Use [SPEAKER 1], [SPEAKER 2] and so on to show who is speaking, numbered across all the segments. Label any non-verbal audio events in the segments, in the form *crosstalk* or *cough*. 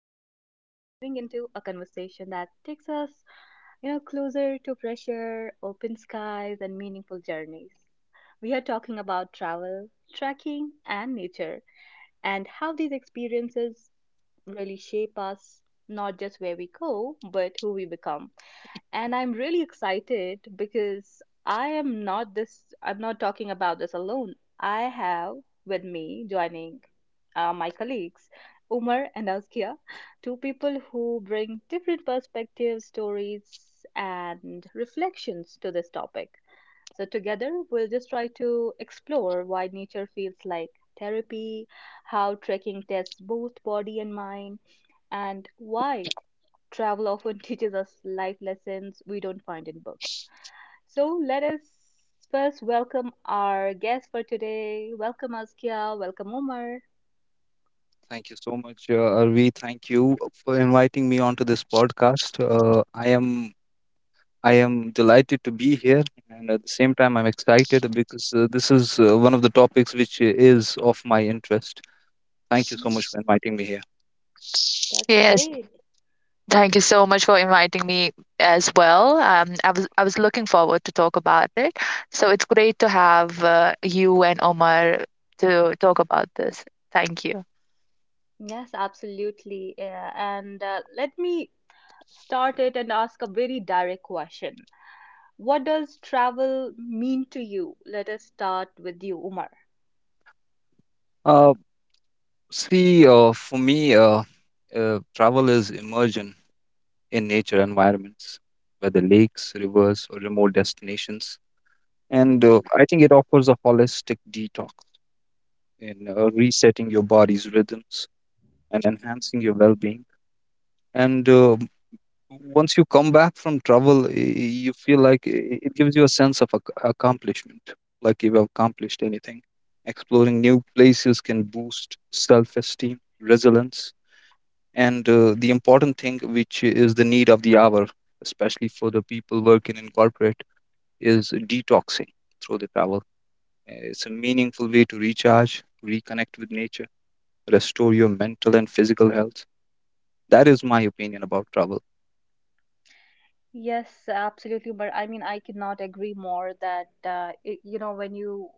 [SPEAKER 1] schedules and diving into a conversation that takes us, closer to fresher, open skies, and meaningful journeys. We are talking about travel, trekking, and nature, and how these experiences really shape us, not just where we go, but who we become. And I'm really excited because I'm not talking about this alone. I have with me joining my colleagues, Umar and Azkia, two people who bring different perspectives, stories, and reflections to this topic. So, together, we'll just try to explore why nature feels like therapy, how trekking tests both body and mind, and why travel often *laughs* teaches us life lessons we don't find in books. So let us first welcome our guest for today. Welcome Askia, welcome Omar.
[SPEAKER 2] Thank you so much, Arvi. Thank you for inviting me onto this podcast. I am delighted to be here, and at the same time, I'm excited because this is one of the topics which is of my interest. Thank you so
[SPEAKER 1] Mm.
[SPEAKER 2] much for inviting me here.
[SPEAKER 1] That's
[SPEAKER 3] Yes,
[SPEAKER 1] great.
[SPEAKER 3] thank you so much for inviting me as well. I was looking forward to talk about it. So it's great to have you and Omar to talk about this. Thank you.
[SPEAKER 1] Yes, absolutely. Yeah. And let me start it and ask a very direct question. What does travel mean to you? Let us start with you, Umar.
[SPEAKER 2] Uh, See, for me, travel is immersion in nature environments, whether lakes, rivers, or remote destinations, and
[SPEAKER 1] Mhm.
[SPEAKER 2] I think it offers a holistic detox in,
[SPEAKER 1] Mhm.
[SPEAKER 2] resetting your body's rhythms and enhancing your well-being. And once you come back from travel, you feel like it gives you a sense of accomplishment, like you've accomplished anything. Exploring new places can boost self-esteem, resilience, and the important thing, which is the need of the hour, especially for the people working in corporate, is detoxing through the travel. It's a meaningful way to recharge, reconnect with nature, restore your mental and physical health. That is my opinion about travel.
[SPEAKER 1] Yes, absolutely. But I mean, I cannot agree more that I you know, when you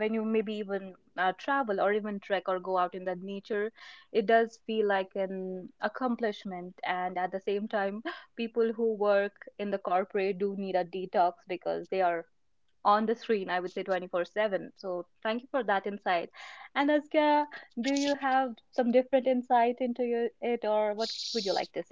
[SPEAKER 1] when you maybe even travel or even trek or go out in the nature, it does feel like an accomplishment. And at the same time, *laughs* people who work in the corporate do need a detox because they are on the screen, I would say 24/7. So thank you for that insight. And Azkia, do you have some different insight or what would you like to say?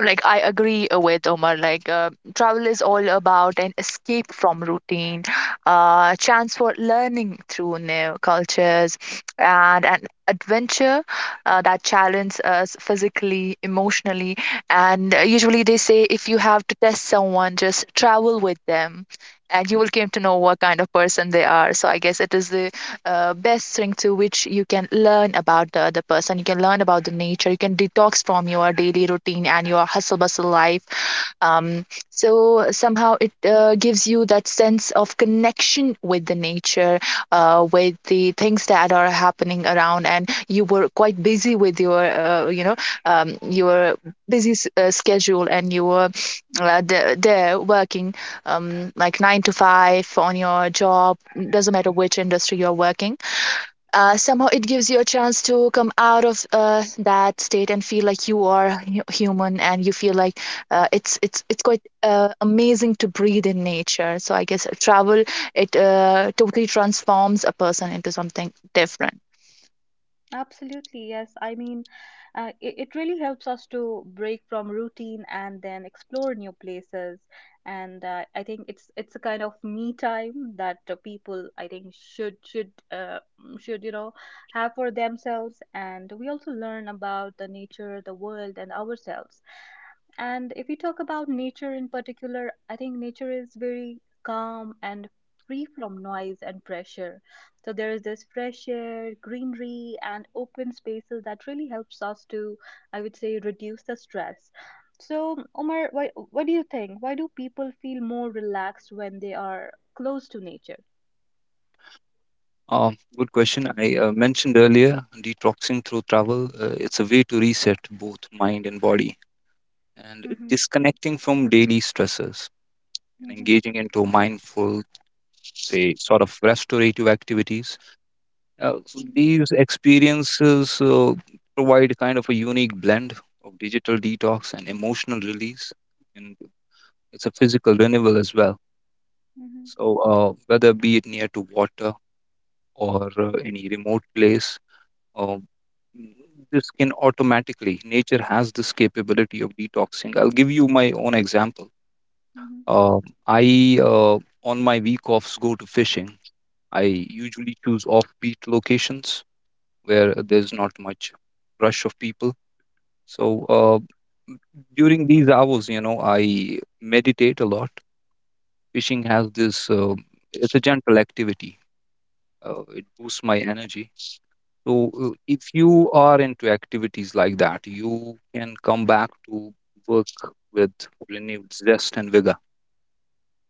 [SPEAKER 3] Like I agree with Omar. Like travel is all about an escape from routine, chance for learning through new cultures, and an adventure that challenges us physically, emotionally, and usually they say if you have to test someone, just travel with them, and you will came to know what kind of person they are. So I guess it is the best thing to which you can learn about the other person. You can learn about the nature. You can detox from your daily routine and your hustle bustle life. Um, so somehow it gives you that sense of connection with the nature, with the things that are happening around, and you were quite busy with your busy schedule, and you were there working like nine to five on your job, doesn't matter which industry you're working. Somehow it gives you a chance to come out of that state and feel like you are human, and you feel like it's quite amazing to breathe in nature. So I guess travel it totally transforms a person into something different.
[SPEAKER 1] Absolutely, yes. I mean, it really helps us to break from routine and then explore new places. And I think it's a kind of me time that people I think should have for themselves. And we also learn about the nature, the world, and ourselves. And if we talk about nature in particular, I think nature is very calm and free from noise and pressure, so there is this fresh air, greenery, and open spaces that really helps us to, I would say, reduce the stress. So, Omar, what do you think? Why do people feel more relaxed when they are close to nature?
[SPEAKER 2] Good question. I mentioned earlier detoxing through travel. It's a way to reset both mind and body, and
[SPEAKER 1] Mhm.
[SPEAKER 2] disconnecting from daily stressors and
[SPEAKER 1] Mhm.
[SPEAKER 2] engaging into mindful, say, sort of restorative activities. So
[SPEAKER 1] Mhm.
[SPEAKER 2] these experiences provide kind of a unique blend of digital detox and emotional release. And it's a physical renewal as well.
[SPEAKER 1] Mhm.
[SPEAKER 2] So, whether be it near to water or any remote place, Um, the skin automatically. Nature has this capability of detoxing. I'll give you my own example. Um, I on my week offs, go to fishing. I usually choose offbeat locations where there's not much rush of people. So, m- during these hours, I meditate a lot. Fishing has this, it's a gentle activity. It boosts my energy. So, if you are into activities like that, you can come back to work with renewed zest and vigor.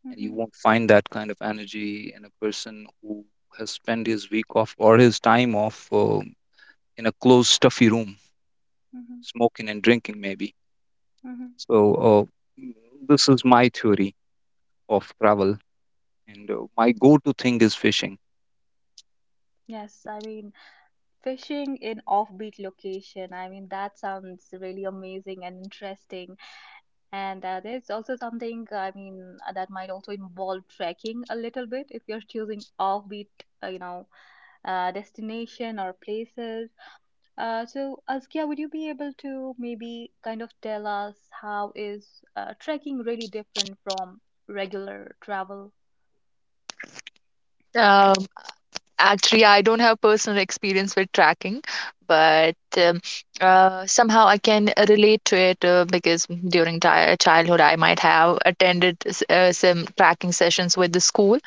[SPEAKER 1] Mhm.
[SPEAKER 2] And you
[SPEAKER 1] Mhm.
[SPEAKER 2] won't find that kind of energy in a person who has spent his week off or his time off in a closed, stuffy room,
[SPEAKER 1] Mhm.
[SPEAKER 2] smoking and drinking, maybe.
[SPEAKER 1] Mhm.
[SPEAKER 2] So, uh, mm, this is my theory of travel. And my go to thing is fishing.
[SPEAKER 1] Yes, I mean, fishing in offbeat location. I mean, that sounds really amazing and interesting. And there's also something, I mean, that might also involve trekking a little bit if you're choosing offbeat, uh, you know, destination or places. So, Askia, would you be able to maybe kind of tell us how is trekking really different from regular travel?
[SPEAKER 3] Actually, I don't have personal experience with tracking, but somehow I can relate to it because during childhood I might have attended some tracking sessions with the school.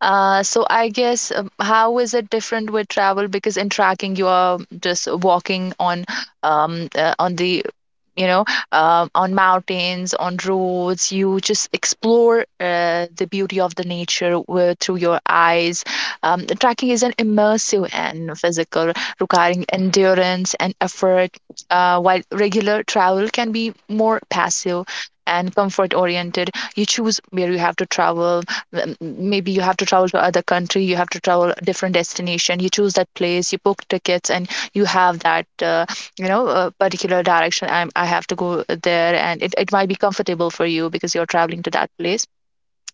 [SPEAKER 3] So I guess, how is it different with travel? Because in tracking you are just walking on the you know on mountains, on roads. You just explore the beauty of the nature through your eyes. The tracking is an immersive and physical, requiring endurance and effort, while regular travel can be more passive and comfort oriented you choose where you have to travel. m- Maybe you have to travel to other country, you have to travel different destination. You choose that place, you book tickets, and you have that a particular direction. I have to go there, and it might be comfortable for you because you're traveling to that place.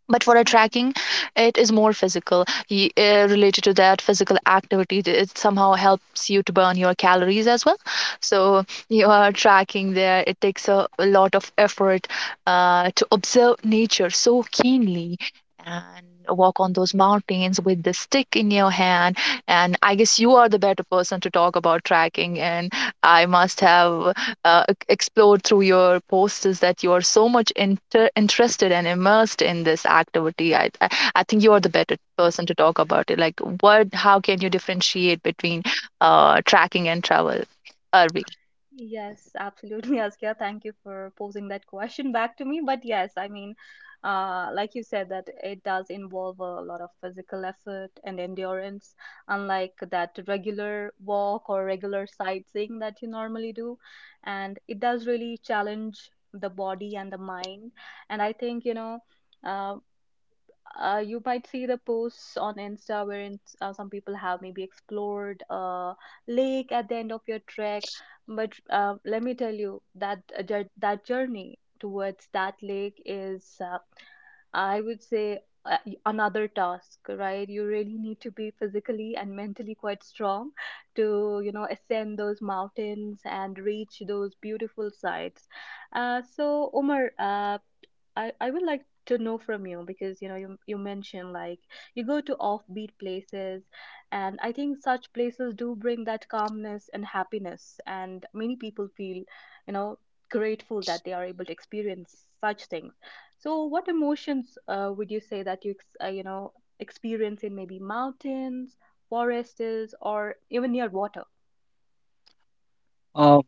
[SPEAKER 3] But for a
[SPEAKER 1] Mhm.
[SPEAKER 3] tracking, it is more physical, related to that physical activity. It somehow helps you to burn your calories as well. So you are tracking there, it takes a lot of effort to observe nature so keenly and walk on those mountains with the stick in your hand. And I guess you are the better person to talk about tracking, and I must have uh, explored through your posts, is that you are so much interested and immersed in this activity. I think you are the better person to talk about it. Like, what? How can you differentiate between tracking and travel? Arvi.
[SPEAKER 1] Yes, absolutely, *laughs* Askia. Thank you for posing that question back to me. But yes, I mean, like you said, that it does involve a lot of physical effort and endurance, unlike that regular walk or regular sightseeing that you normally do. And it does really challenge the body and the mind. And I think, uh, you might see the posts on Insta wherein some people have maybe explored a lake at the end of your trek. But let me tell you that that journey towards that lake is I would say, another task, right? You really need to be physically and mentally quite strong to, you know, ascend those mountains and reach those beautiful sites. So, Omar, I would like to know from you because you mentioned like you go to offbeat places, and I think such places do bring that calmness and happiness, and many people feel, you know, grateful that they are able to experience such things. So, what emotions would you say that you ex- you know experience in maybe mountains, forests, or even near water?
[SPEAKER 2] Uh,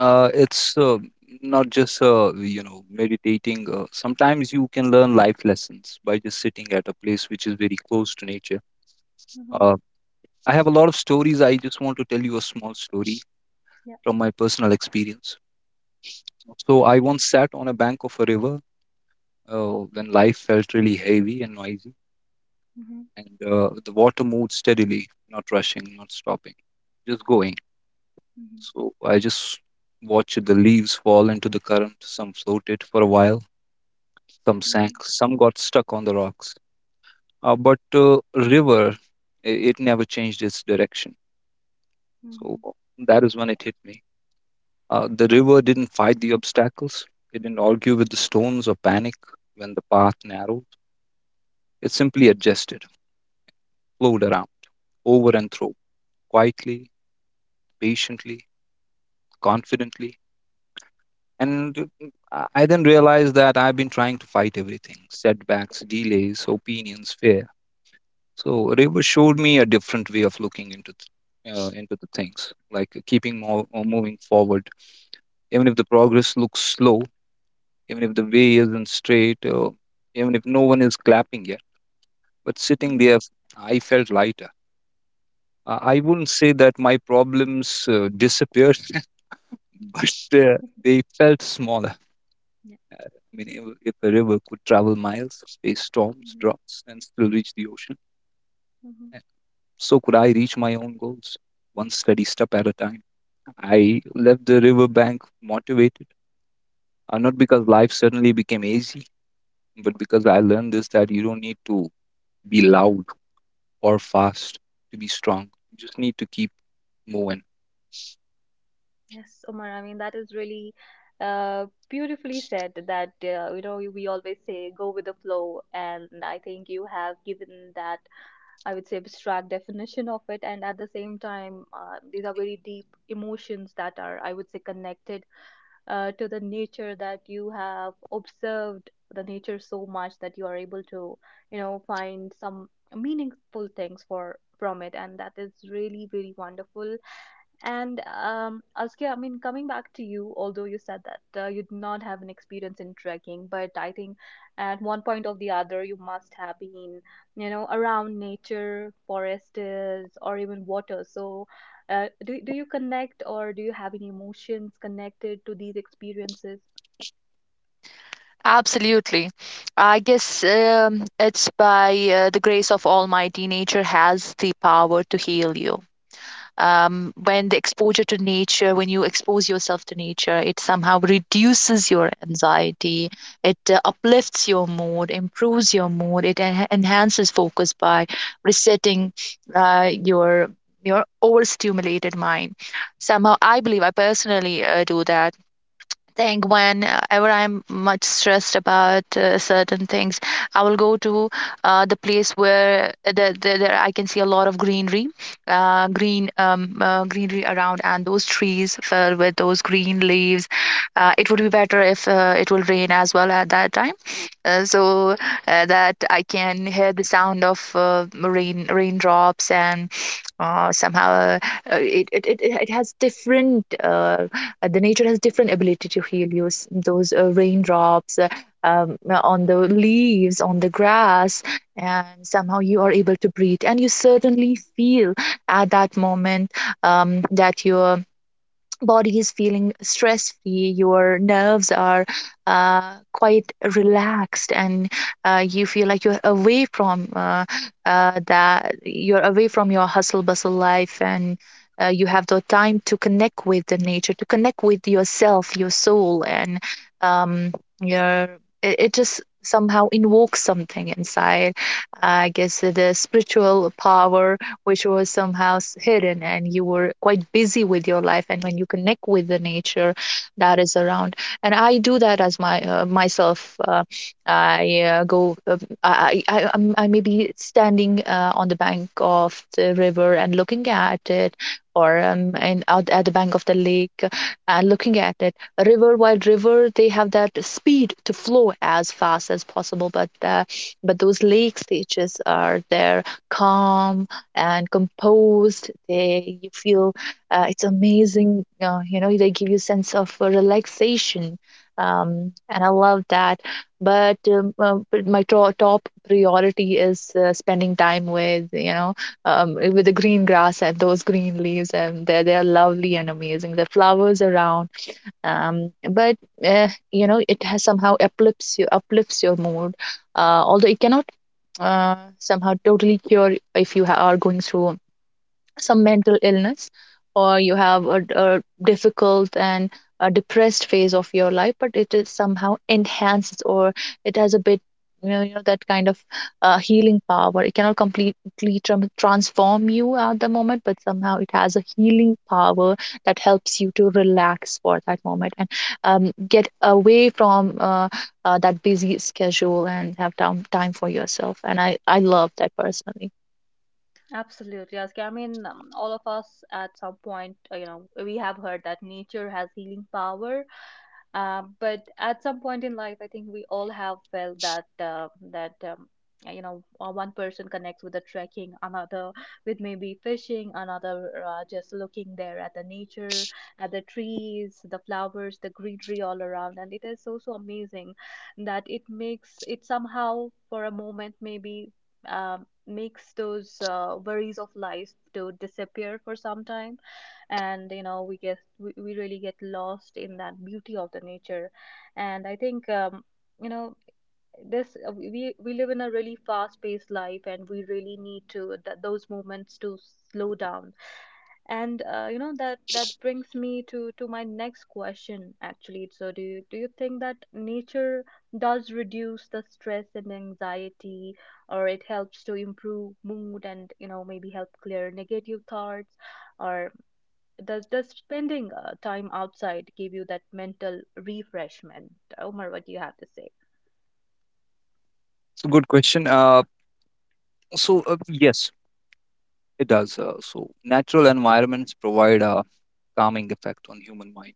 [SPEAKER 2] It's not just meditating. Sometimes you can learn life lessons by just sitting at a place which is very close to nature.
[SPEAKER 1] Mm-hmm.
[SPEAKER 2] Uh, I have a lot of stories. I just want to tell you a small story
[SPEAKER 1] Yeah.
[SPEAKER 2] from my personal experience. So I once sat on a bank of a river when life felt really heavy and noisy,
[SPEAKER 1] Mm-hmm.
[SPEAKER 2] and the water moved steadily, not rushing, not stopping, just going.
[SPEAKER 1] Mm-hmm.
[SPEAKER 2] So I just watched the leaves fall into the current. Some floated for a while. Some sank, some got stuck on the rocks. But river, it never changed its direction.
[SPEAKER 1] Mm-hmm. Mm-hmm.
[SPEAKER 2] So that is when it hit me.
[SPEAKER 1] Yeah.
[SPEAKER 2] The river didn't fight the obstacles. It didn't argue with the stones or panic when the path narrowed. It simply adjusted, flowed around, over and through, quietly, patiently, confidently. And I then realized that I've been trying to fight everything: setbacks, delays, opinions, fear. So river showed me a different way of looking into into the things, like, keeping more, or moving forward, even if the progress looks slow, even if the way isn't straight, or even if no one is clapping yet. But sitting
[SPEAKER 1] Mm-hmm.
[SPEAKER 2] there, I felt lighter. I wouldn't say that my problems disappeared, *laughs* but
[SPEAKER 1] *laughs* Mhm.
[SPEAKER 2] they felt smaller.
[SPEAKER 1] Yeah.
[SPEAKER 2] I mean, if a river could travel miles, face storms,
[SPEAKER 1] Hmm.
[SPEAKER 2] droughts, and still reach the ocean,
[SPEAKER 1] Hmm.
[SPEAKER 2] uh, so could I reach my own goals, one steady step at a time. I left the riverbank motivated, not because life suddenly became easy, but because I learned this, that you don't need to be loud or fast to be strong. You just need to keep moving.
[SPEAKER 1] Yes, Omar. I mean, that is really beautifully said. That you know, we always say go with the flow, and I think you have given that, I would say, abstract definition of it. And at the same time, these are very deep emotions that are, I would say, connected to the nature, that you have observed the nature so much that you are able to, you know, find some meaningful things for from it. And that is really, very wonderful. And Askia, I mean, coming back to you, although you said that you did not have an experience in trekking, but I think at one point or the other, you must have been, you know, around nature, forests, or even water. So, do you connect or do you have any emotions connected to these experiences?
[SPEAKER 3] Absolutely. I guess, it's by the grace of Almighty, nature has the power to heal you. When the exposure to nature, when you expose yourself to nature, it somehow reduces your anxiety, it uplifts your mood, improves your mood, it enhances focus by resetting uh, your your overstimulated mind. Somehow, I believe, I personally do that, think whenever I'm much stressed about certain things, I will go to the place where there I can see a lot of greenery, greenery around, and those trees filled with those green leaves. It would be better if it will rain as well at that time, so that I can hear the sound of raindrops. And somehow it has different. The nature has different ability to heal you. Those raindrops on the leaves, on the grass, and somehow you are able to breathe, and you certainly feel at that moment, that you body is feeling stress free, your nerves are quite relaxed, and you feel like you're away from your hustle bustle life, and you have the time to connect with the nature, to connect with yourself, your soul, and um, your it just somehow invokes something inside. I guess the spiritual power which was somehow hidden, and you were quite busy with your life, and when you connect with the nature that is around. And I do that as my myself. Uh, I go I I'm- I may be standing on the bank of the river and looking at it, or out at the bank of the lake and looking at it. A river, while river, they have that speed to flow as fast as possible. But those lake stages are there, calm and composed. They You feel it's amazing. They give you sense of relaxation. And I love that. But my top priority is spending time with you know with the green grass and those green leaves, and they're lovely and amazing, the flowers around. But it has somehow uplifts your mood. Although it cannot somehow totally cure if you are going through some mental illness, or you have a difficult and a depressed phase of your life. But it is somehow enhanced, or it has a bit, that kind of healing power. It cannot completely transform you at the moment, but somehow it has a healing power that helps you to relax for that moment, and get away from that busy schedule and have time for yourself, and I love that personally
[SPEAKER 1] Absolutely, Askia. I mean, all of us at some point, you know, we have heard that nature has healing power. But at some point in life, I think we all have felt that you know, one person connects with the trekking, another with maybe fishing, another just looking there at the nature, at the trees, the flowers, the greenery all around, and it is so so amazing that it makes it somehow for a moment maybe makes those worries of life to disappear for some time, and you know we really get lost in that beauty of the nature. And I think you know this we live in a really fast paced life, and we really need those moments to slow down. And you know, that that brings me to my next question actually. So do you think that nature does reduce the stress and anxiety, or it helps to improve mood and you know maybe help clear negative thoughts, or does spending time outside give you that mental refreshment? Omar, what do you have to say?
[SPEAKER 2] It's a good question. Yes, it does. So natural environments provide a calming effect on human mind.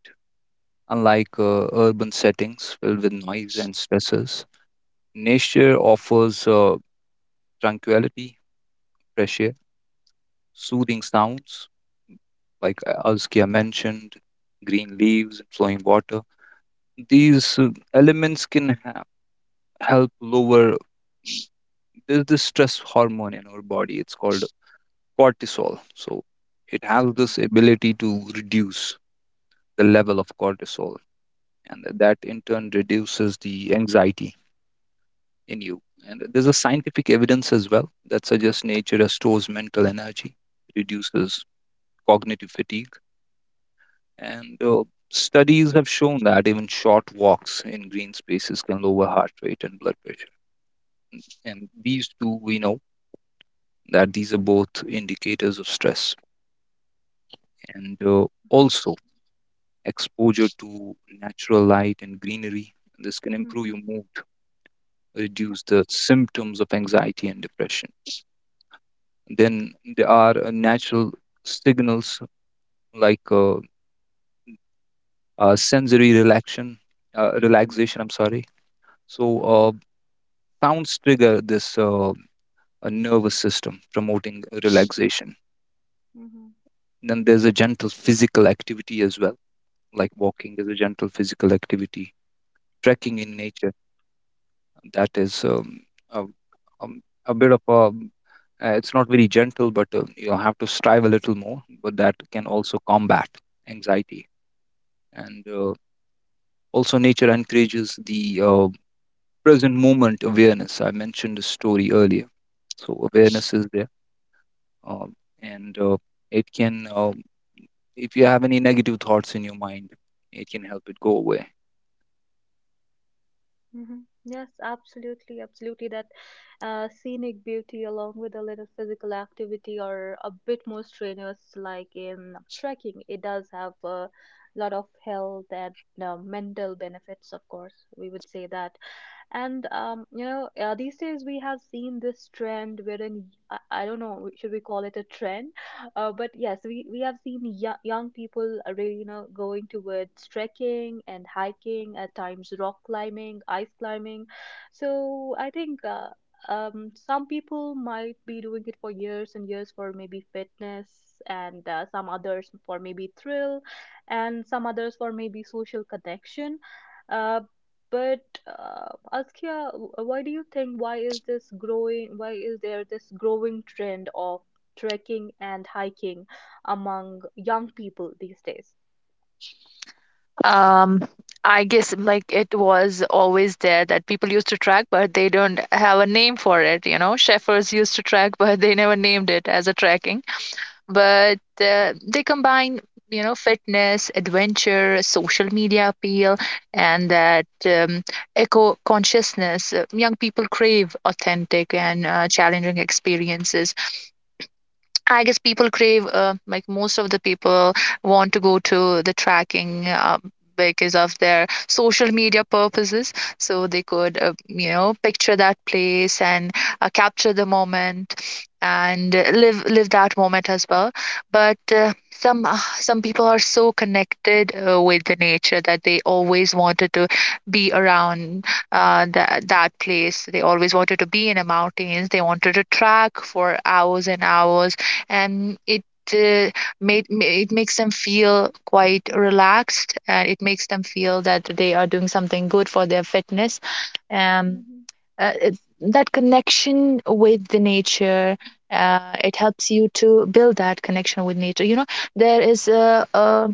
[SPEAKER 2] Unlike urban settings filled with noise and stresses, nature offers, tranquility, fresh air, soothing sounds, like Alskia mentioned, green leaves and flowing water. These elements can help lower, there's this stress hormone in our body. It's called cortisol. So it has
[SPEAKER 1] Mhm.
[SPEAKER 2] this ability to reduce the level of cortisol, and that in turn reduces the anxiety in you. And there's a scientific evidence as well that suggests nature restores mental energy, reduces cognitive fatigue. And studies have shown that even short walks in green spaces can lower heart rate and blood pressure. And these two, we know, that these are both indicators of stress. And
[SPEAKER 1] Mhm.
[SPEAKER 2] also, exposure to natural light and greenery, this can improve
[SPEAKER 1] Mhm.
[SPEAKER 2] your mood,
[SPEAKER 1] Yeah.
[SPEAKER 2] reduce the symptoms of anxiety and depression. Then there are natural signals like, sensory relaxation,
[SPEAKER 1] Mhm.
[SPEAKER 2] relaxation. I'm sorry. So.
[SPEAKER 1] Mhm.
[SPEAKER 2] Sounds trigger this, a nervous system, promoting relaxation.
[SPEAKER 1] Mhm.
[SPEAKER 2] Then there's a gentle physical activity as well, like walking is a gentle physical activity, trekking in
[SPEAKER 1] Mhm.
[SPEAKER 2] nature. That is, a, a bit of a it's not very gentle, but you have to strive a little more. But that can also combat anxiety. And also, nature encourages the, present moment awareness. I mentioned a story earlier. So, awareness is there, um, and it can if you have any negative thoughts in your mind, it can help it go away.
[SPEAKER 1] Mhm. Yes, absolutely, absolutely. That scenic beauty, along with a little physical activity or a bit more strenuous, like in trekking, it does have a lot of health and mental benefits, of course, we would say that. And these days we have seen this trend wherein I don't know, should we call it a trend? But yes, we have seen yo young people are really you know going towards trekking and hiking, at times rock climbing, ice climbing. So I think. Some people might be doing it for years and years for maybe fitness, and some others for maybe thrill, and some others for maybe social connection. Uh, but, Askia, wh- why do you think why is this growing? Why is there this growing trend of trekking and hiking among young people these days?
[SPEAKER 3] um I guess like it was always there that people used to track, but they don't have a name for it. You know, shepherds used to track, *laughs* but they never named it as a tracking. But they combine, fitness, adventure, social media appeal, and that eco consciousness. Young people crave authentic and challenging experiences. I guess people crave, like most of the people want to go to the tracking because of their social media purposes. So they could, picture that place and capture the moment, and live that moment as well. But some people are so connected with the nature that they always wanted to be around that place. They always wanted to be in the mountains. They wanted to track for hours and hours, and uh, it makes them feel quite relaxed, and it makes them feel that they are doing something good for their fitness. um
[SPEAKER 1] Mm-hmm.
[SPEAKER 3] uh, it- that connection with the nature, it helps you to build that connection with nature. There is a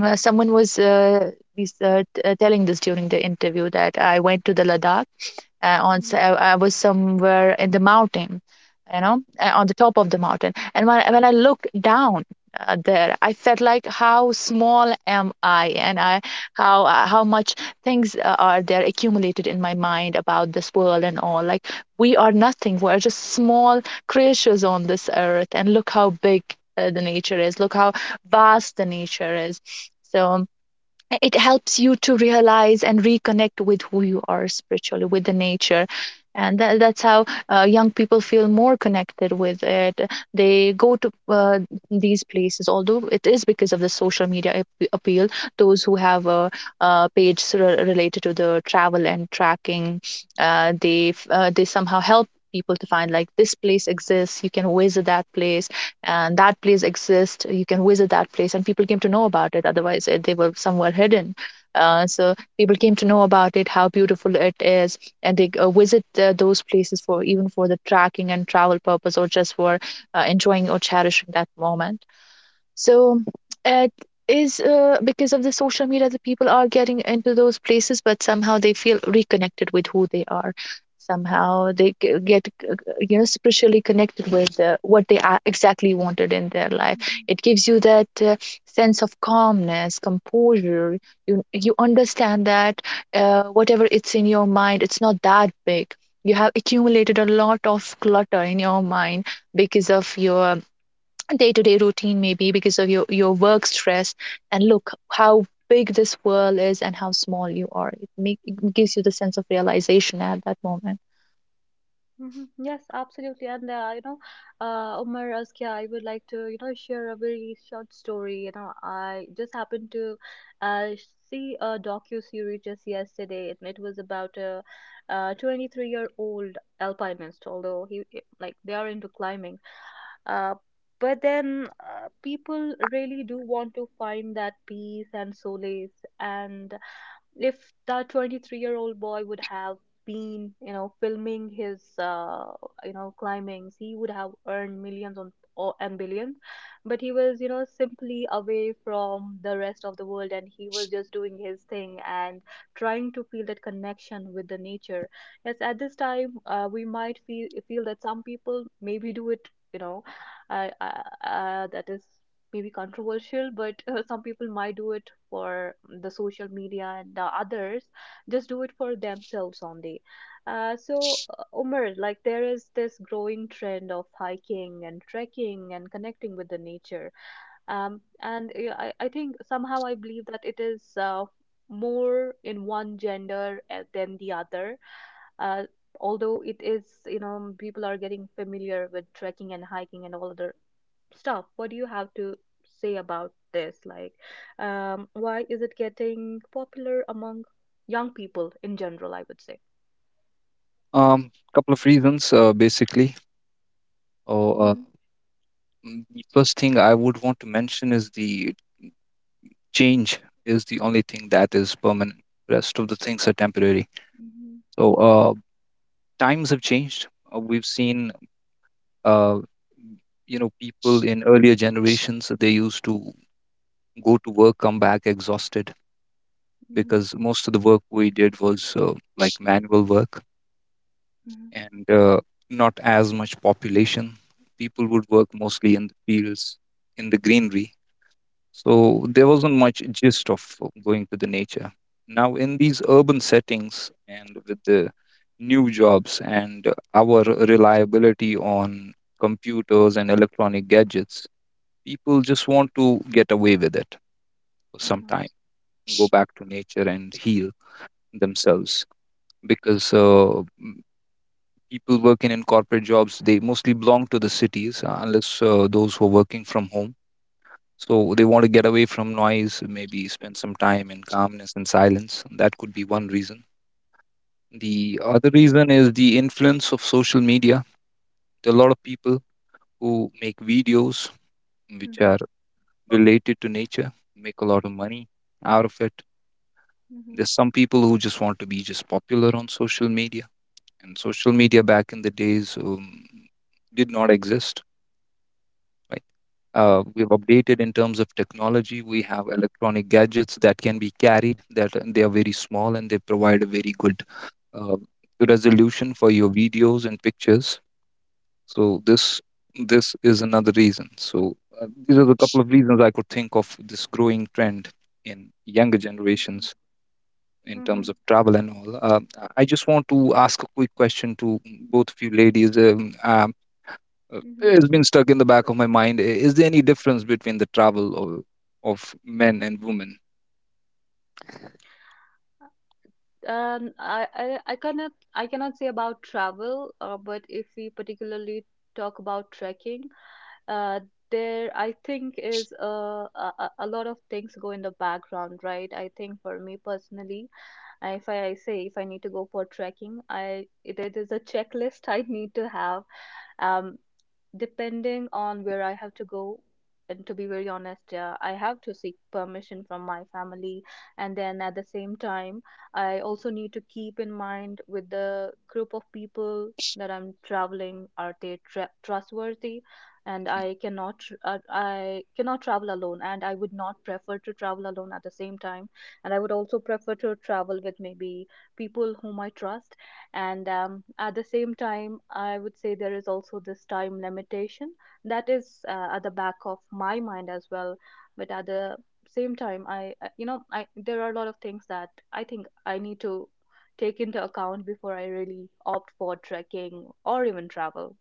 [SPEAKER 3] someone telling this during the interview that I went to the Ladakh,
[SPEAKER 1] Mm-hmm.
[SPEAKER 3] I was somewhere in the mountain, on the top of the mountain. And when I looked down, there, I felt like how small am I, and I how much things are there accumulated in my mind about this world and all. Like, we are nothing. We're just small creatures on this earth, and look how big the nature is. Look how vast the nature is. So it helps you to realize and reconnect with who you are spiritually with the nature, and that's how young people feel more connected with it. They go to these places, although it is because of the social media appeal. Those who have a page related to the travel and tracking, they somehow help people to find, like, this place exists, you can visit that place, and that place exists, you can visit that place, and people came to know about it, otherwise they were somewhere hidden. So people came to know about it, how beautiful it is, and they visit those places for, even for the tracking and travel purpose, or just for enjoying or cherishing that moment. So it is because of the social media that people are getting into those places, but somehow they feel reconnected with who they are. Somehow they get, spiritually connected with what they exactly wanted in their life.
[SPEAKER 1] Mm-hmm.
[SPEAKER 3] It gives you that sense of calmness, composure. You understand that whatever it's in your mind, it's not that big. You have accumulated a lot of clutter in your mind because of your day-to-day routine, maybe because of your work stress. And look how big this world is and how small you are. It gives you the sense of realization at that moment.
[SPEAKER 1] Mhm. Yes, absolutely. And you know, Umar, Azkia, I would like to you know share a very short story. You know, I just happened to uh, see a docu-series just yesterday, and it was about a 23-year-old alpinist. Although like they are into climbing, uh, but then people really do want to find that peace and solace. And if that 23-year-old boy would have been, you know, filming his you know climbings, he would have earned millions on or and billions, but he was, you know, simply away from the rest of the world, and he was just doing his thing and trying to feel that connection with the nature. Yes, at this time we might feel that some people maybe do it, you know that is maybe controversial, but some people might do it for the social media, and the others just do it for themselves only. So, Umar, like there is this growing trend of hiking and trekking and connecting with the nature. I think somehow I believe that it is more in one gender than the other. Uh, Although it is, you know, people are getting familiar with trekking and hiking and all other stuff, what do you have to say about this, like, why is it getting popular among young people in general, I would say?
[SPEAKER 2] Couple of reasons, basically. uh, uh,
[SPEAKER 1] Mhm.
[SPEAKER 2] the first thing I would want to mention is: the change is the only thing that is permanent, rest of the things are temporary.
[SPEAKER 1] Mhm.
[SPEAKER 2] So, times have changed. We've seen, uh, people in earlier generations, they used to go to work, come back exhausted,
[SPEAKER 1] Mhm.
[SPEAKER 2] because most of the work we did was, like manual work,
[SPEAKER 1] Mhm.
[SPEAKER 2] and not as much population. People would work mostly in the fields, in the greenery. So there wasn't much gist of going to the nature. Now, in these urban settings and with the new jobs and our reliability on computers and electronic gadgets, people just want to get away with it for some time,
[SPEAKER 1] Mhm.
[SPEAKER 2] go back to nature and heal themselves, because, people working in corporate jobs, they mostly belong to the cities, unless those who are working from home. So they want to get away from noise, maybe spend some time in calmness and silence. That could be one reason. The other reason is the influence of social media. There are a lot of people who make videos which
[SPEAKER 1] Mhm.
[SPEAKER 2] are related to nature, make a lot of money out of it.
[SPEAKER 1] Mhm.
[SPEAKER 2] There's some people who just want to be just popular on social media, and social media back in the days, did not exist, right? We've updated in terms of technology. We have electronic gadgets that can be carried, that, and they are very small and they provide a very good, uh, resolution for your videos and pictures. So this is another reason. So, these are the couple of reasons I could think of this growing trend in younger
[SPEAKER 1] Mhm.
[SPEAKER 2] generations in
[SPEAKER 1] Mhm.
[SPEAKER 2] terms
[SPEAKER 1] Mhm.
[SPEAKER 2] of travel and all. I just want to ask a quick question to both of you ladies.
[SPEAKER 1] Mhm.
[SPEAKER 2] It's been stuck in the back of my mind. Is there any difference between the travel of men and women?
[SPEAKER 1] And I cannot say about travel, but if we particularly talk about trekking, uh, there I think is a lot of things go in the background, right? I think for me personally, I- if I, I say if I need to go for trekking, I it, it is a checklist *laughs* I need to have. Um, Depending on where I have to go, and to be very honest, yeah, I have to seek permission from my family. And then at the same time, I also need to keep in mind with the group of people that I'm traveling, are they tra trustworthy? And I cannot, tr I cannot travel alone, and I would not prefer to travel alone at the same time. And I would also prefer to travel with maybe people whom I trust and at the same time I would say there is also this time limitation that is at the back of my mind as well, but at the same time I there are a lot of things that I think I need to take into account before I really opt for trekking or even travel.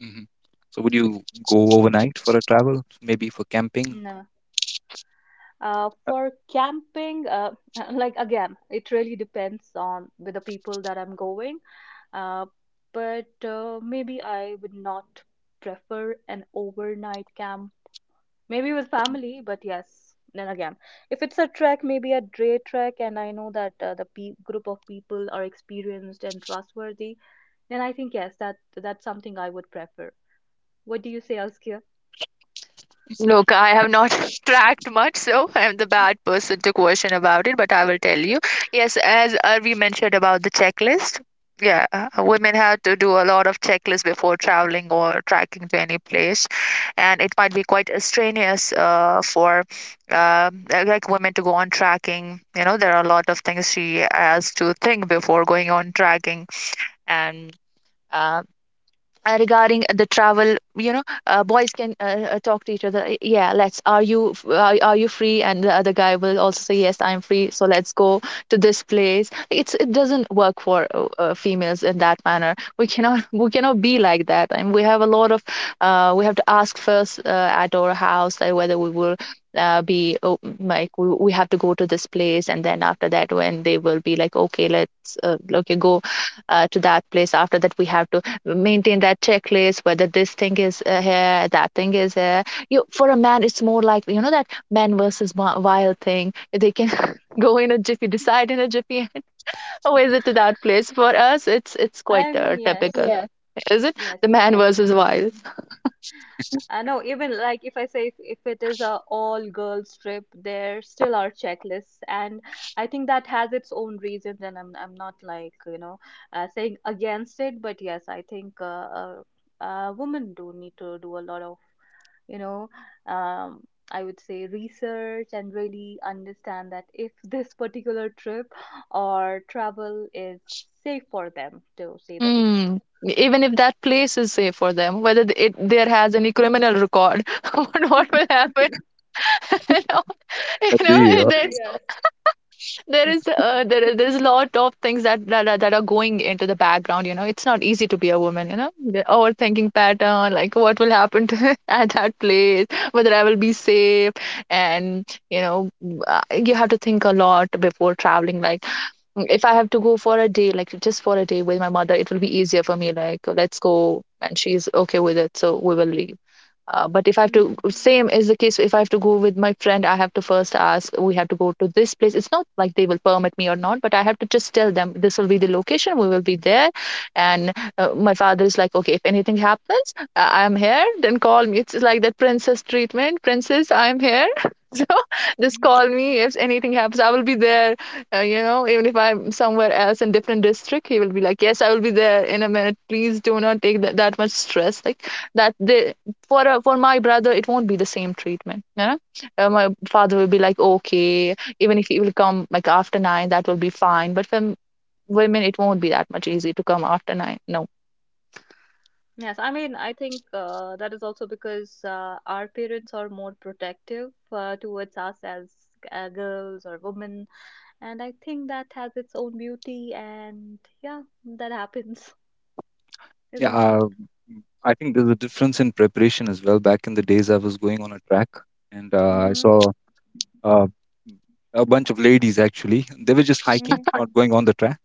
[SPEAKER 2] Hmm. So would you go overnight for a travel, maybe for camping?
[SPEAKER 1] For camping, *laughs* like again, it really depends on with the people that I'm going. Uh, but maybe I would not prefer an overnight camp. Maybe with family, but yes. Then again, if it's a trek, maybe a day trek, and I know that the group of people are experienced and trustworthy, then I think yes, that that's something I would prefer. What do you say, Askia?
[SPEAKER 3] Look, I have
[SPEAKER 2] *laughs*
[SPEAKER 3] not *laughs* tracked much, so I'm the bad person to question about it, but I will tell you. Yes, as we mentioned about the checklist, yeah,
[SPEAKER 2] Mhm.
[SPEAKER 3] women have to do a lot of checklists before traveling or tracking to any place, and it might be quite strenuous for like women to go on tracking. You know, there are a lot of things she has to think before going on tracking, and. Uh, regarding the travel, boys can talk to each other, Yeah, let's, are you free?" And the other guy will also say, "Yes, I'm free, so let's go to this place." It doesn't work for females in that manner. We cannot *laughs* we cannot be like that, and we have a lot of we have to ask first at our house whether we will be, oh, like we have to go to this place. And then after that, when they will be like, "Okay, let's okay, go to that place," after that we have to maintain that checklist, whether this thing is here, that thing is here. You For a man, it's more like, you know, that man versus wild thing. They can *laughs* go in a jiffy, decide in a jiffy, and *laughs* always it to that place. For us, it's quite
[SPEAKER 1] I mean, yes,
[SPEAKER 3] typical. Yeah. Is it
[SPEAKER 1] yes.
[SPEAKER 3] the man versus wild?
[SPEAKER 1] I know, even like if I say if it is a all girls trip, there still are checklists, and I think that has its own reasons. And I'm not like saying against it, but yes, I think women do need to do a lot of you know um, I would say research and really understand that if this particular trip or travel is safe for them, to say the least.
[SPEAKER 3] Mm.
[SPEAKER 1] *laughs*
[SPEAKER 3] Even if that place is safe for them, whether it there has any criminal record, *laughs* what will happen? *laughs* you know
[SPEAKER 2] Agree,
[SPEAKER 3] you know
[SPEAKER 1] Yes.
[SPEAKER 3] There is there's a lot of things that are going into the background. You know, it's not easy to be a woman. You know, the overthinking pattern, like what will happen to, *laughs* at that place, whether I will be safe, and you know, uh, you have to think a lot before traveling. Like, "Mm, if I have to go for a day, like just for a day with my mother, it will be easier for me. Like, let's go," and she's okay with it, so we will leave. But if I have to,
[SPEAKER 1] Hmm.
[SPEAKER 3] same is the case. If I have to go with my friend, I have to first ask, "We have to go to this place." It's not like they will permit me or not, but I have to just tell them, "This will be the location, we will be there." And my father is like, "Okay, if anything happens, I'm here, then call me." It's like that princess treatment, "Princess, I'm here." *laughs* So just call me if anything happens, I will be there. You know, even if I'm somewhere else in different district, he will be like, "Yes, I will be there in a minute. Please do not take that much stress." Like that, they, for for my brother it won't be the same treatment. My father will be like, "Okay, even if he will come like after nine, that will be fine." But for women, it won't be that much easy to come after nine, no. *laughs*
[SPEAKER 1] Yes, I mean, I think that is also because our parents are more protective towards us as girls or women, and I think that has its own beauty, and yeah, that happens, *laughs*
[SPEAKER 2] Yeah,
[SPEAKER 1] isn't it?
[SPEAKER 2] I think there's a difference in preparation as well. Back in the days, I was going on a track, and I
[SPEAKER 1] Mm-hmm.
[SPEAKER 2] saw, uh, a bunch of ladies actually. They were just hiking, not going on the track.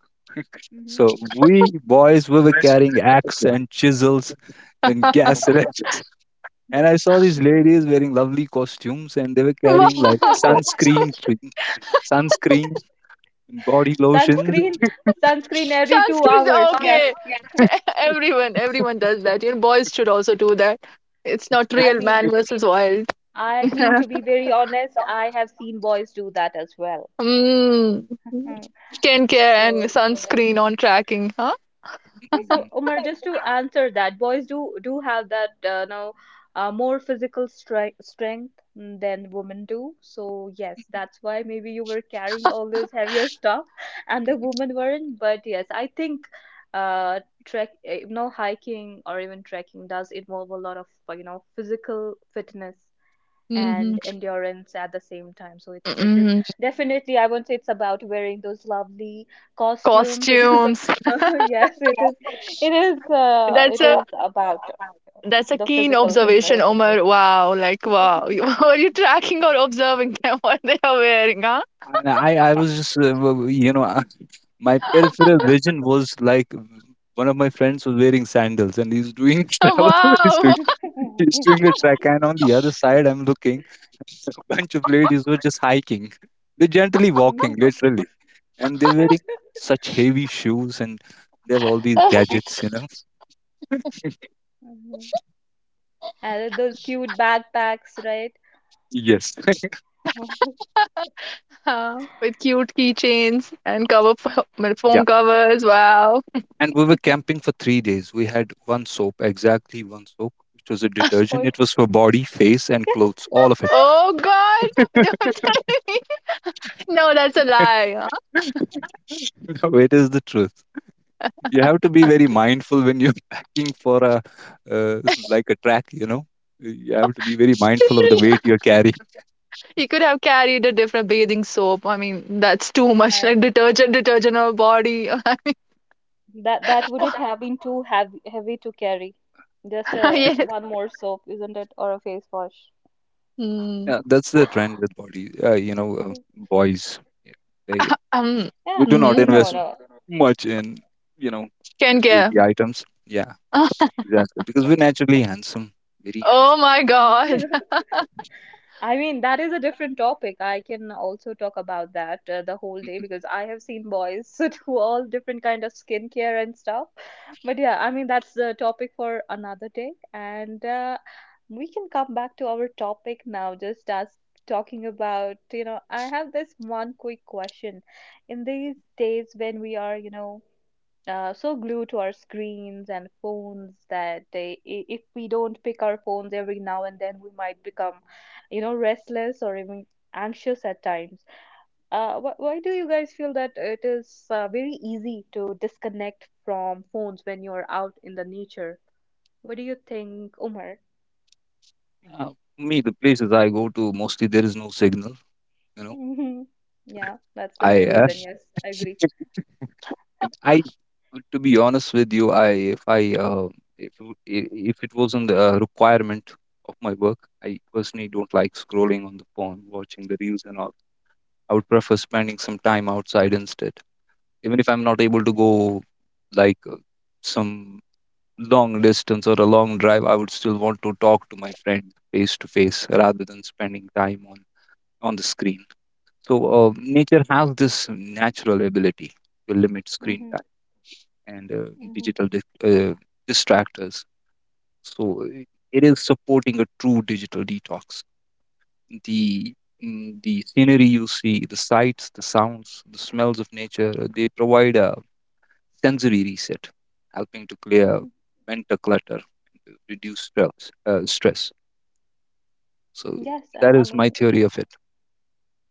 [SPEAKER 1] Mm-hmm.
[SPEAKER 2] So we boys, we were carrying axe and chisels and *laughs* gas cylinders. And I saw these ladies wearing lovely costumes, and they were
[SPEAKER 3] Well,
[SPEAKER 2] carrying like
[SPEAKER 1] Mm-hmm. *laughs*
[SPEAKER 2] sunscreen, sunscreen, and body lotions.
[SPEAKER 1] Sunscreen, sunscreen every two
[SPEAKER 3] Sanskrit is
[SPEAKER 1] hours. Yes,
[SPEAKER 3] okay. *laughs* Everyone, everyone does that. You know, boys should also do that. It's not
[SPEAKER 1] I
[SPEAKER 3] real
[SPEAKER 1] mean,
[SPEAKER 3] man versus wild.
[SPEAKER 1] I
[SPEAKER 3] *laughs*
[SPEAKER 1] mean to be very honest, I have seen boys do that as well.
[SPEAKER 3] Mm.
[SPEAKER 1] Mm.
[SPEAKER 3] Skincare and
[SPEAKER 1] So
[SPEAKER 3] sunscreen on tracking, huh?
[SPEAKER 1] yes,
[SPEAKER 2] *laughs*
[SPEAKER 1] Umar, just to answer that, boys do do have that now more physical stri strength, than women do. So yes, that's why maybe you were carrying all those heavier stuff *laughs* and the women weren't. But yes, I think trek you know, hiking or even trekking does involve a lot of you know, physical fitness
[SPEAKER 3] Hmm.
[SPEAKER 1] and endurance at the same time. So it is
[SPEAKER 3] Hmm.
[SPEAKER 1] definitely, I won't say it's about wearing those lovely costumes. It is
[SPEAKER 3] Costumes.
[SPEAKER 1] *laughs* yes,
[SPEAKER 3] *laughs* That's
[SPEAKER 1] it
[SPEAKER 3] a
[SPEAKER 1] is about
[SPEAKER 3] That's a
[SPEAKER 1] the
[SPEAKER 3] keen
[SPEAKER 1] physical fitness.
[SPEAKER 3] observation, Omar. Wow, like, wow. *laughs* Are you tracking or observing them *laughs* what they are wearing, huh?
[SPEAKER 2] And I was just, my peripheral vision was like, one of my friends was wearing sandals and he's doing *laughs* travel. he's, doing,
[SPEAKER 3] *laughs* Wow.
[SPEAKER 2] he's
[SPEAKER 1] *laughs*
[SPEAKER 2] doing a track. And on the other side, I'm looking, *laughs* a bunch of ladies were just hiking. They're gently walking,
[SPEAKER 1] Mhm.
[SPEAKER 2] literally. And they're wearing such heavy shoes and they have all these
[SPEAKER 3] *laughs*
[SPEAKER 2] gadgets.
[SPEAKER 1] Mhm. And those cute backpacks, right?
[SPEAKER 2] Yes. *laughs*
[SPEAKER 1] *laughs*
[SPEAKER 3] Huh, with cute keychains and cover *laughs* my
[SPEAKER 2] Yeah.
[SPEAKER 3] phone covers. Wow.
[SPEAKER 2] And we were camping for 3 days. We had one soap, exactly one soap, which was a detergent.
[SPEAKER 1] Or
[SPEAKER 2] It was for body, face, and clothes, all of it.
[SPEAKER 3] Oh God! *laughs* Don't tell me. No, that's a lie.
[SPEAKER 2] *laughs* It is the truth. You have to be very mindful when you're *laughs* packing for a, like a track, you know. You have to be very mindful of the
[SPEAKER 3] Huh?
[SPEAKER 2] weight
[SPEAKER 3] *laughs*
[SPEAKER 2] you're carrying.
[SPEAKER 3] You could have carried a different bathing soap. I mean, that's too much. Like,
[SPEAKER 1] um,
[SPEAKER 3] detergent, detergent or body. *laughs*
[SPEAKER 1] that that wouldn't have been too heavy to carry. Just a
[SPEAKER 3] Yes.
[SPEAKER 1] one more soap, isn't it, or a face wash?
[SPEAKER 3] Mm.
[SPEAKER 2] Yeah, that's the trend with
[SPEAKER 1] *laughs*
[SPEAKER 2] body. Boys, yeah, they
[SPEAKER 3] Um.
[SPEAKER 2] we
[SPEAKER 1] Yeah,
[SPEAKER 2] do not
[SPEAKER 3] Mm-hmm.
[SPEAKER 1] no,
[SPEAKER 2] invest
[SPEAKER 1] no.
[SPEAKER 2] much in you know these
[SPEAKER 3] Skincare.
[SPEAKER 2] beauty items. Yeah,
[SPEAKER 3] *laughs*
[SPEAKER 2] exactly, because we're naturally handsome, very
[SPEAKER 3] Oh
[SPEAKER 2] handsome.
[SPEAKER 3] my
[SPEAKER 1] Mhm.
[SPEAKER 3] God.
[SPEAKER 1] *laughs* I mean, that is a different topic. I can also talk about that the whole day because I have seen boys *laughs* do all different kind of skincare and stuff. But yeah, I mean, that's the topic for another day. And we can come back to our topic now, just as talking about, you know, I have this one quick question. In these days when we are, you know, so glued to our screens and phones that if we don't pick our phones every now and then, we might become, you know, restless or even anxious at times. Wh- why do you guys feel that it is very easy to disconnect from phones when you're out in the nature? What do you think, Umar?
[SPEAKER 2] Mm-hmm. Me, the places I go to, mostly there is no signal. You know,
[SPEAKER 1] Hmm. *laughs* Yeah, that's the main
[SPEAKER 2] I uh,
[SPEAKER 1] reason. Yes, I agree.
[SPEAKER 2] And I, to be honest with you, I if w- I- if it wasn't a requirement of my work, I personally don't like scrolling on the phone, watching the reels and all. I would prefer spending some time outside instead, even if I'm not able to go like some long distance or a long drive. I would still want to talk to my friend face to face rather than spending time on the screen. So nature has this natural ability to limit screen
[SPEAKER 1] Mm-hmm,
[SPEAKER 2] time and uh,
[SPEAKER 1] mm-hmm,
[SPEAKER 2] digital dis- uh, distractors. So it is supporting a true digital detox. The the scenery you see, the sights, the sounds, the smells of nature, they provide a sensory reset, helping to clear
[SPEAKER 1] mm-hmm.
[SPEAKER 2] mental clutter, reduce stress. Stress. So
[SPEAKER 1] Yes,
[SPEAKER 2] that
[SPEAKER 1] I
[SPEAKER 2] is my
[SPEAKER 1] mean,
[SPEAKER 2] theory
[SPEAKER 1] yeah.
[SPEAKER 2] of it.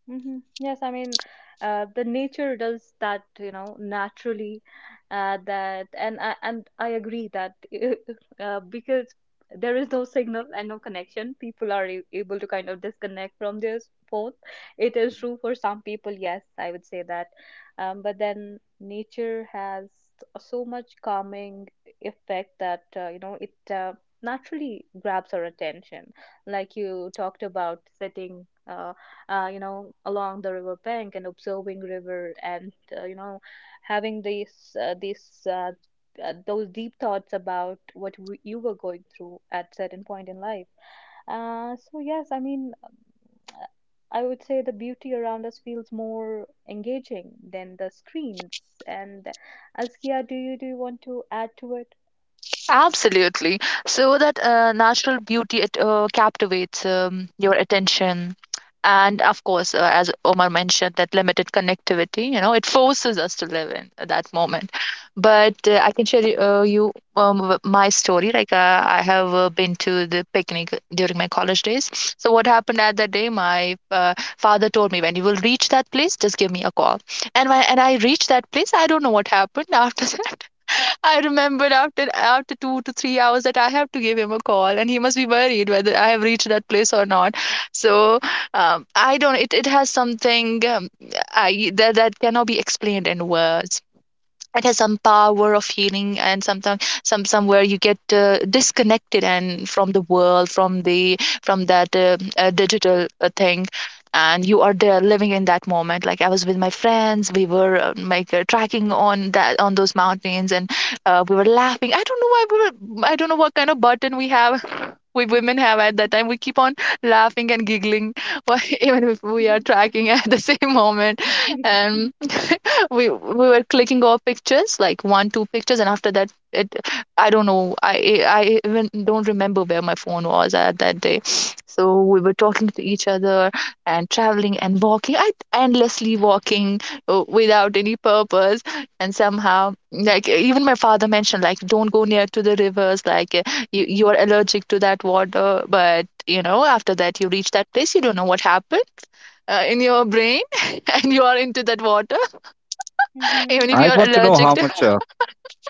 [SPEAKER 1] Hmm. Yes, I mean, the nature does that, you know, naturally. That and I agree that *laughs* because there is no signal and no connection, people are able to kind of disconnect from their phone. It is true for some people, yes, I would say that. But then nature has so much calming effect that you know it naturally grabs our attention, like you talked about, sitting. You know, along the river bank and observing river and you know, having these those deep thoughts about what you were going through at certain point in life. So yes, I mean, uh, I would say the beauty around us feels more engaging than the screens. And Askia, do you want to add to it?
[SPEAKER 3] Absolutely. So that natural beauty, it captivates your attention. And of course, as Omar mentioned, that limited connectivity, it forces us to live in that moment. But I can share you, my story. Like, I have been to the picnic during my college days. So, what happened at that day? My father told me, "When you will reach that place, just give me a call." And I reached that place, I don't know what happened *laughs* after that. I remembered after 2 to 3 hours that I have to give him a call, and he must be worried whether I have reached that place or not. So I don't. It has something, I that that cannot be explained in words. It has some power of healing, and sometimes, somewhere you get disconnected, and from the world, from that digital thing, and you are there living in that moment. Like, I was with my friends, we were like tracking on that on those mountains, and we were laughing. I don't know why we were, I don't know what kind of button we have, *laughs* we women have at that time. We keep on laughing and giggling, *laughs* even if we are tracking at the *laughs* same moment. And. *laughs* We were clicking our pictures like one two pictures, and after that, it, I don't know, I even don't remember where my phone was at that day. So we were talking to each other, and traveling and walking, I endlessly walking without any purpose. And somehow, like, even my father mentioned, like, "Don't go near to the rivers, like you, are allergic to that water." But you know, after that you reach that place, you don't know what happened in your brain, *laughs* and you are into that water
[SPEAKER 1] Mm-hmm.
[SPEAKER 3] even if
[SPEAKER 2] Mhm. I
[SPEAKER 3] you're
[SPEAKER 2] want to know
[SPEAKER 3] allergic
[SPEAKER 2] how
[SPEAKER 3] to.
[SPEAKER 2] much.
[SPEAKER 3] *laughs*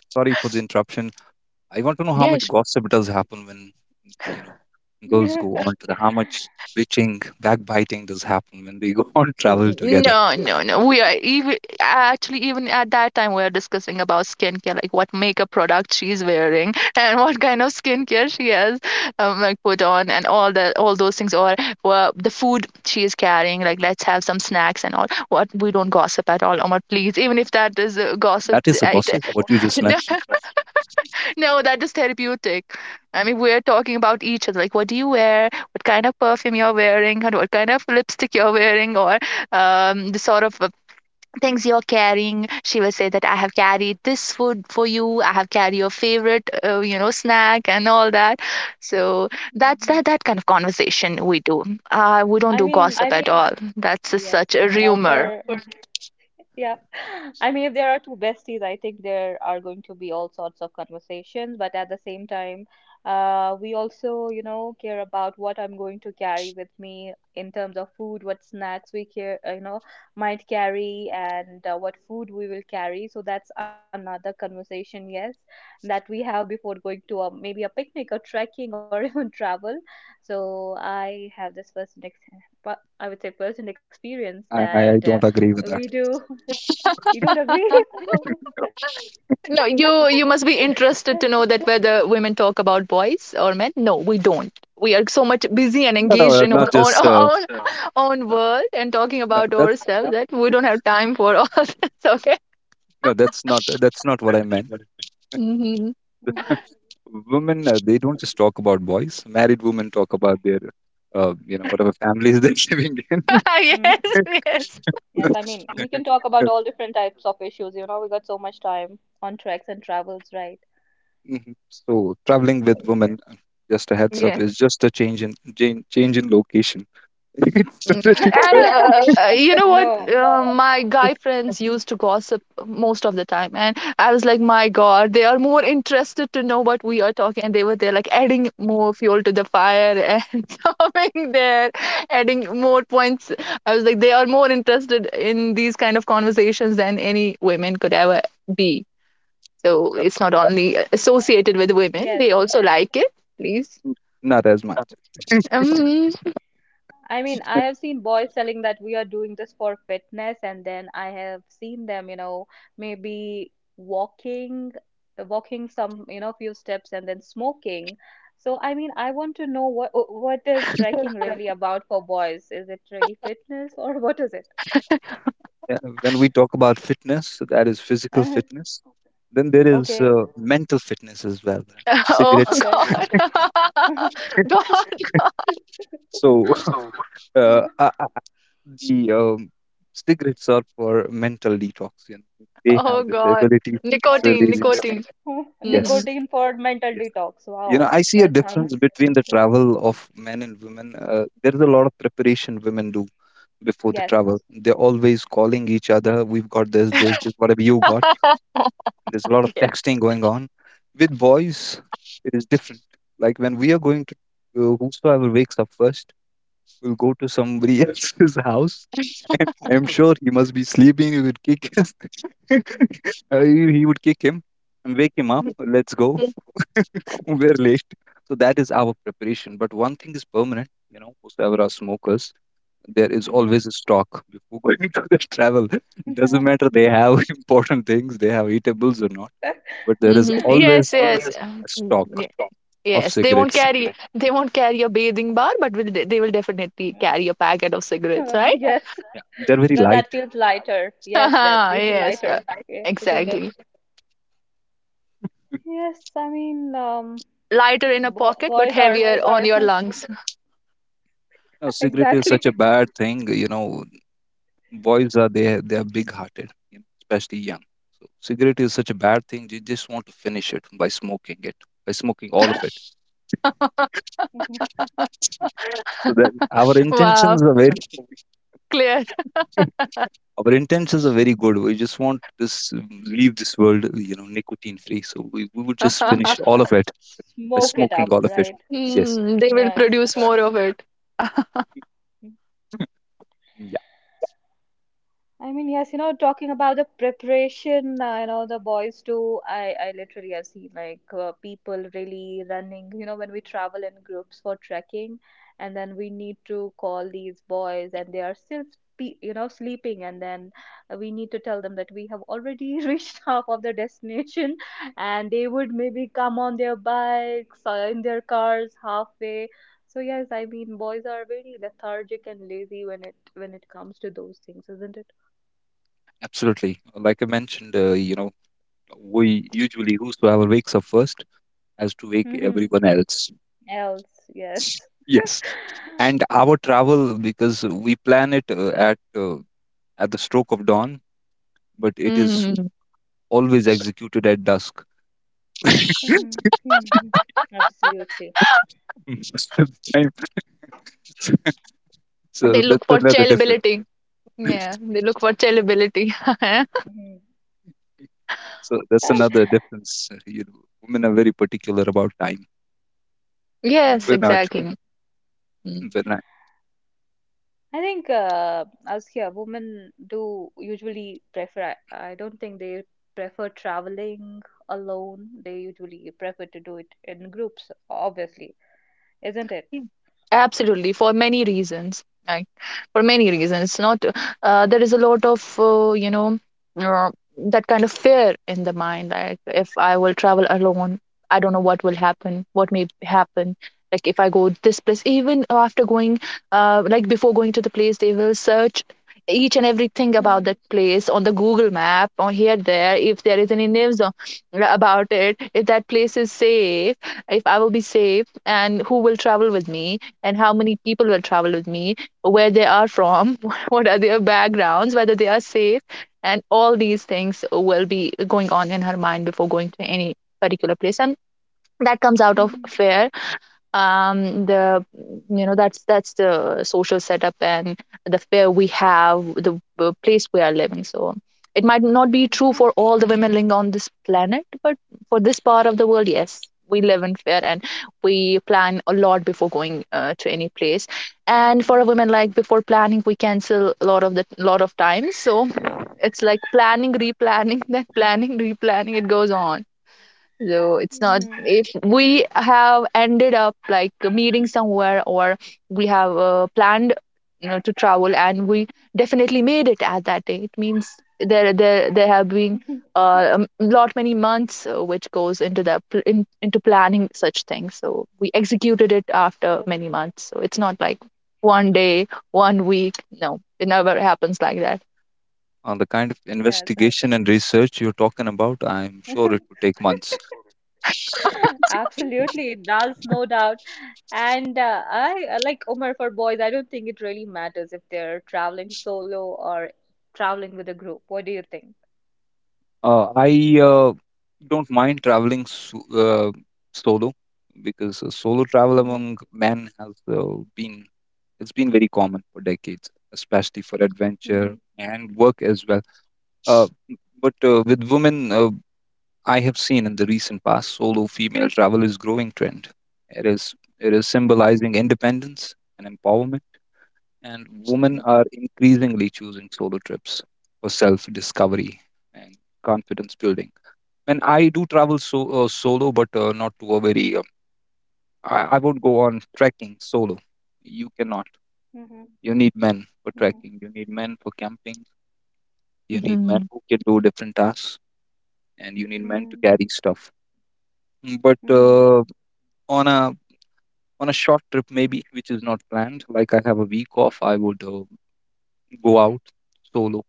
[SPEAKER 2] Sorry for the interruption. I want to know how much
[SPEAKER 3] Yes.
[SPEAKER 2] gossip does happen when, you know, girls
[SPEAKER 1] Mm-hmm.
[SPEAKER 2] go on
[SPEAKER 1] *laughs*
[SPEAKER 2] to the how much bitching, backbiting does happen when they go *laughs* on
[SPEAKER 3] N-
[SPEAKER 2] travel together.
[SPEAKER 3] no, no, no, we are. Even actually, even at that time, we are discussing about skincare, like what makeup product she's wearing, *laughs* and what kind of skincare she has like put on and all those things. Or, well, the food she is carrying, like, "Let's have some snacks and all." What, we don't gossip at all, Omar, please. Even if that is gossip,
[SPEAKER 2] That is a gossip. What you
[SPEAKER 3] *laughs*
[SPEAKER 2] just
[SPEAKER 3] no,
[SPEAKER 2] mentioned,
[SPEAKER 3] no, that is therapeutic. I mean, we're talking about each other. Like, what do you wear? What kind of perfume you're wearing? And what kind of *laughs* lipstick you're wearing? Or the sort of things you're carrying. She will say that, "I have carried this food for you. I have carried your favorite, snack and all that." So that's
[SPEAKER 1] Mhm.
[SPEAKER 3] that that kind of conversation we do. We don't
[SPEAKER 1] I
[SPEAKER 3] do, I
[SPEAKER 1] mean,
[SPEAKER 3] gossip at mean, all. That's
[SPEAKER 1] yes,
[SPEAKER 3] just such a
[SPEAKER 1] for
[SPEAKER 3] rumor.
[SPEAKER 1] yeah. *laughs* I mean, if there are two besties, I think there are going to be all sorts of conversations, but at the same time, we also, you know, care about what I'm going to carry with me in terms of food, what snacks we care, you know, might carry, and what food we will carry. So that's another conversation, yes, that we have before going to a, maybe a picnic or trekking or *laughs* even travel. So I have this first, I would say, personal experience
[SPEAKER 2] I
[SPEAKER 1] that.
[SPEAKER 2] don't agree with that.
[SPEAKER 1] We do. You don't agree?
[SPEAKER 2] *laughs*
[SPEAKER 1] *laughs*
[SPEAKER 2] no,
[SPEAKER 3] No, you must be interested to know that whether women talk about boys or men. No, we don't. We are so much busy and
[SPEAKER 2] no,
[SPEAKER 3] engaged in
[SPEAKER 2] not
[SPEAKER 3] our own *laughs*
[SPEAKER 2] just
[SPEAKER 3] our own world, and talking
[SPEAKER 2] no.
[SPEAKER 3] about
[SPEAKER 2] That's
[SPEAKER 3] ourselves that we don't have time for all *laughs* this. Okay.
[SPEAKER 2] no, that's not what I meant.
[SPEAKER 3] Hmm.
[SPEAKER 1] Hmm.
[SPEAKER 2] Women, they don't just talk about boys. Married women talk about their, whatever families they're *laughs* living
[SPEAKER 3] *laughs*
[SPEAKER 1] Mm.
[SPEAKER 3] Yes.
[SPEAKER 2] in.
[SPEAKER 3] Yes.
[SPEAKER 1] Yes, I mean, we can talk about
[SPEAKER 2] *laughs*
[SPEAKER 1] all different types of issues. You know, we got so much time on treks and travels, right?
[SPEAKER 2] hmm So traveling with women, just a heads up,
[SPEAKER 3] Yes.
[SPEAKER 2] is just a change in location. *laughs* It's
[SPEAKER 3] Mm.
[SPEAKER 2] totally
[SPEAKER 3] And
[SPEAKER 2] different.
[SPEAKER 1] *laughs*
[SPEAKER 3] you know what?
[SPEAKER 1] No.
[SPEAKER 3] My guy friends used to gossip most of the time, and I was like, "My God, they are more interested to know what we are talking," and they were there, like, adding more fuel to the fire and *laughs* coming there, adding more points. I was like, they are more interested in these kind of conversations than any women could ever be. So
[SPEAKER 2] Uh,
[SPEAKER 3] it's not only
[SPEAKER 1] Yeah.
[SPEAKER 3] associated with women;
[SPEAKER 1] Yes.
[SPEAKER 3] they also like it. Please.
[SPEAKER 2] n- Not as much.
[SPEAKER 3] Um,
[SPEAKER 1] I mean, I have seen boys telling that we are doing this for fitness, and then I have seen them, you know, maybe walking, walking some, you know, few steps and then smoking. So, I mean, I want to know what is trekking really about for boys? Is it really fitness or *laughs* what is it?
[SPEAKER 2] Yeah. When we talk about fitness, so that is physical
[SPEAKER 1] *laughs*
[SPEAKER 2] fitness. Then there is
[SPEAKER 1] Okay,
[SPEAKER 2] mental fitness as well.
[SPEAKER 3] *laughs* oh
[SPEAKER 2] Cigarettes.
[SPEAKER 1] okay.
[SPEAKER 3] God.
[SPEAKER 1] *laughs*
[SPEAKER 3] *laughs* God.
[SPEAKER 2] So *laughs* uh, uh, uh, the cigarettes are for mental detox. You know? They have
[SPEAKER 3] Oh
[SPEAKER 2] this
[SPEAKER 3] God.
[SPEAKER 2] ability of
[SPEAKER 3] Nicotine,
[SPEAKER 2] releasing stress.
[SPEAKER 3] nicotine. Hmm.
[SPEAKER 2] Yes,
[SPEAKER 1] Nicotine for mental
[SPEAKER 2] yes.
[SPEAKER 1] detox.
[SPEAKER 2] You know,
[SPEAKER 1] Wow,
[SPEAKER 2] I see a
[SPEAKER 1] that sounds
[SPEAKER 2] difference between the travel of men and women. There's a lot of preparation women do before the
[SPEAKER 1] yes.
[SPEAKER 2] travel. They're always calling each other. We've got this, whatever you got. There's a lot of texting going on. With boys, it is different. Like when we are going to, whosoever wakes up first will go to somebody *laughs* else's house, and I'm sure he must be sleeping. He would kick his *laughs* he would kick him and wake him up. Let's go, *laughs* we're late. So that is our preparation. But one thing is permanent, you know, whosoever are smokers, there is
[SPEAKER 1] Mm-hmm.
[SPEAKER 2] always a stock before going *laughs* to the travel. Doesn't
[SPEAKER 1] *laughs*
[SPEAKER 2] matter they have *laughs* important things, they have eatables or not, but there is
[SPEAKER 3] Hmm. Yes,
[SPEAKER 2] always
[SPEAKER 3] yes,
[SPEAKER 2] a stock of
[SPEAKER 3] yes. They won't
[SPEAKER 2] cigarettes.
[SPEAKER 3] carry, they won't carry a bathing bar, but they will definitely
[SPEAKER 1] Yeah.
[SPEAKER 3] carry a packet of cigarettes,
[SPEAKER 1] *laughs*
[SPEAKER 3] right?
[SPEAKER 1] Yes,
[SPEAKER 2] Yeah. They're very
[SPEAKER 1] because that
[SPEAKER 2] light.
[SPEAKER 1] feels lighter. Yes, that
[SPEAKER 3] *laughs*
[SPEAKER 1] they feel
[SPEAKER 3] Yes,
[SPEAKER 1] lighter, yeah, isn't it?
[SPEAKER 3] exactly.
[SPEAKER 1] Yes, I mean,
[SPEAKER 3] Lighter in a
[SPEAKER 1] bo
[SPEAKER 3] pocket, but
[SPEAKER 1] boys are
[SPEAKER 3] heavier on your lungs.
[SPEAKER 2] No,
[SPEAKER 1] *laughs*
[SPEAKER 2] cigarette is
[SPEAKER 1] exactly
[SPEAKER 2] such a bad thing. You know, boys are they are big hearted, you know, especially young. So cigarette is such a bad thing. They just want to finish it, by smoking all of it. So that
[SPEAKER 3] Wow, clear.
[SPEAKER 2] our intentions are very good. We just want this, leave this world, you know, nicotine free. So we would just finish
[SPEAKER 3] *laughs*
[SPEAKER 2] all of it
[SPEAKER 1] *laughs*
[SPEAKER 2] by
[SPEAKER 1] smoke it
[SPEAKER 2] smoking
[SPEAKER 1] up,
[SPEAKER 2] all of it.
[SPEAKER 1] right?
[SPEAKER 2] Yes,
[SPEAKER 3] Mm, they will
[SPEAKER 1] Yes.
[SPEAKER 3] produce more of it.
[SPEAKER 2] yeah,
[SPEAKER 1] I mean, yes, you know, talking about the preparation, you know, the boys do. I literally have seen like people really running, you know, when we travel in groups for trekking, and then we need to call these boys, and they are still, you know, sleeping, and then we need to tell them that we have already *laughs* reached half of the destination, and they would maybe come on their bikes or in their cars halfway. So yes, I mean, boys are very lethargic and lazy when it comes to those things, isn't it?
[SPEAKER 2] absolutely. Like I mentioned, you know, we usually whosoever wakes up first has to wake
[SPEAKER 1] Hmm.
[SPEAKER 2] everyone else.
[SPEAKER 1] Else, yes.
[SPEAKER 2] Yes,
[SPEAKER 1] *laughs*
[SPEAKER 2] and our travel, because we plan it at the stroke of dawn, but it is
[SPEAKER 3] Mm.
[SPEAKER 2] always executed at dusk. *laughs* Most
[SPEAKER 1] Mm-hmm. Absolutely.
[SPEAKER 2] of the time. *laughs* So
[SPEAKER 3] They
[SPEAKER 2] that's
[SPEAKER 3] look for
[SPEAKER 2] another difference.
[SPEAKER 3] chillability. Yeah, they look for chillability. *laughs*
[SPEAKER 1] Mm-hmm.
[SPEAKER 2] So that's
[SPEAKER 1] *laughs*
[SPEAKER 2] another difference. You know, women are very particular about time, and
[SPEAKER 3] Yes,
[SPEAKER 2] we're
[SPEAKER 1] Mm.
[SPEAKER 2] not.
[SPEAKER 3] exactly. Hmm.
[SPEAKER 2] *laughs* We're not.
[SPEAKER 1] I think as here, women do usually prefer. I don't think they prefer traveling alone. They usually prefer to do it in groups, obviously, isn't it?
[SPEAKER 3] Absolutely, for many reasons. Right, for many reasons. Not there is a lot of uh, that kind of fear in the mind. Like, if I will travel alone, I don't know what will happen, what may happen. Like, if I go this place, even after going, like before going to the place, they will search each and everything about that
[SPEAKER 1] Mm-hmm.
[SPEAKER 3] place on the Google map or here there. If there is any news on about it, if that place is safe, if I will be safe and who will travel with me and how many people will travel with me where they are from *laughs* what are their backgrounds whether they are safe, and all these things will be going on in her mind before going to any particular place, and that comes out of
[SPEAKER 1] Mm-hmm.
[SPEAKER 3] fear. Um the you know that's that's the social setup, and the fare we have, the place we are living, so it might not be true for
[SPEAKER 1] Yes.
[SPEAKER 3] all the women living on this planet, but for this part of the world, yes, we live in fair. And we plan a lot before going to any place. And for a
[SPEAKER 1] Mm-hmm.
[SPEAKER 3] woman, like before planning we cancel a lot of the lot of times. So it's like planning, replanning, *laughs* then planning, replanning, it goes on. So it's not
[SPEAKER 1] Mm-hmm.
[SPEAKER 3] if we have ended up like meeting somewhere, or we have planned, to travel, and we definitely made it at that day. It means there have been
[SPEAKER 1] *laughs*
[SPEAKER 3] lot many months which goes into the into planning such things. So we executed it after
[SPEAKER 1] Yes.
[SPEAKER 3] many months. So it's not like one day, one week. No, it never happens like that.
[SPEAKER 2] On the kind of
[SPEAKER 1] Yes.
[SPEAKER 2] investigation and research you're talking about, I'm sure
[SPEAKER 1] that-
[SPEAKER 2] it would take months.
[SPEAKER 1] *laughs* Absolutely, it does, no doubt. And I like Omar for boys, I don't think it really matters if they're traveling solo or traveling with a group. What do you think?
[SPEAKER 2] I don't mind traveling solo, because solo travel
[SPEAKER 1] Mm-hmm,
[SPEAKER 2] among men has been, it's been very common for decades, especially for
[SPEAKER 1] mm-hmm,
[SPEAKER 2] adventure and work as well. Uh, but with women, I have seen in the recent past solo female travel is growing trend. It is it is
[SPEAKER 1] mm-hmm,
[SPEAKER 2] symbolizing independence and empowerment, and women
[SPEAKER 1] mm-hmm,
[SPEAKER 2] are increasingly choosing solo trips for self discovery and confidence building. And I do travel solo, but not to a very. I won't go on trekking solo. You cannot.
[SPEAKER 1] mm-hmm,
[SPEAKER 2] You need men for trekking.
[SPEAKER 1] mm-hmm,
[SPEAKER 2] You need men for camping. You need men
[SPEAKER 3] Mhm.
[SPEAKER 2] who can do different tasks, and you need men to
[SPEAKER 1] mm-hmm,
[SPEAKER 2] carry stuff. But
[SPEAKER 1] mm-hmm.
[SPEAKER 2] on a on a short trip maybe which is not planned, like I have a week off, I would go out solo,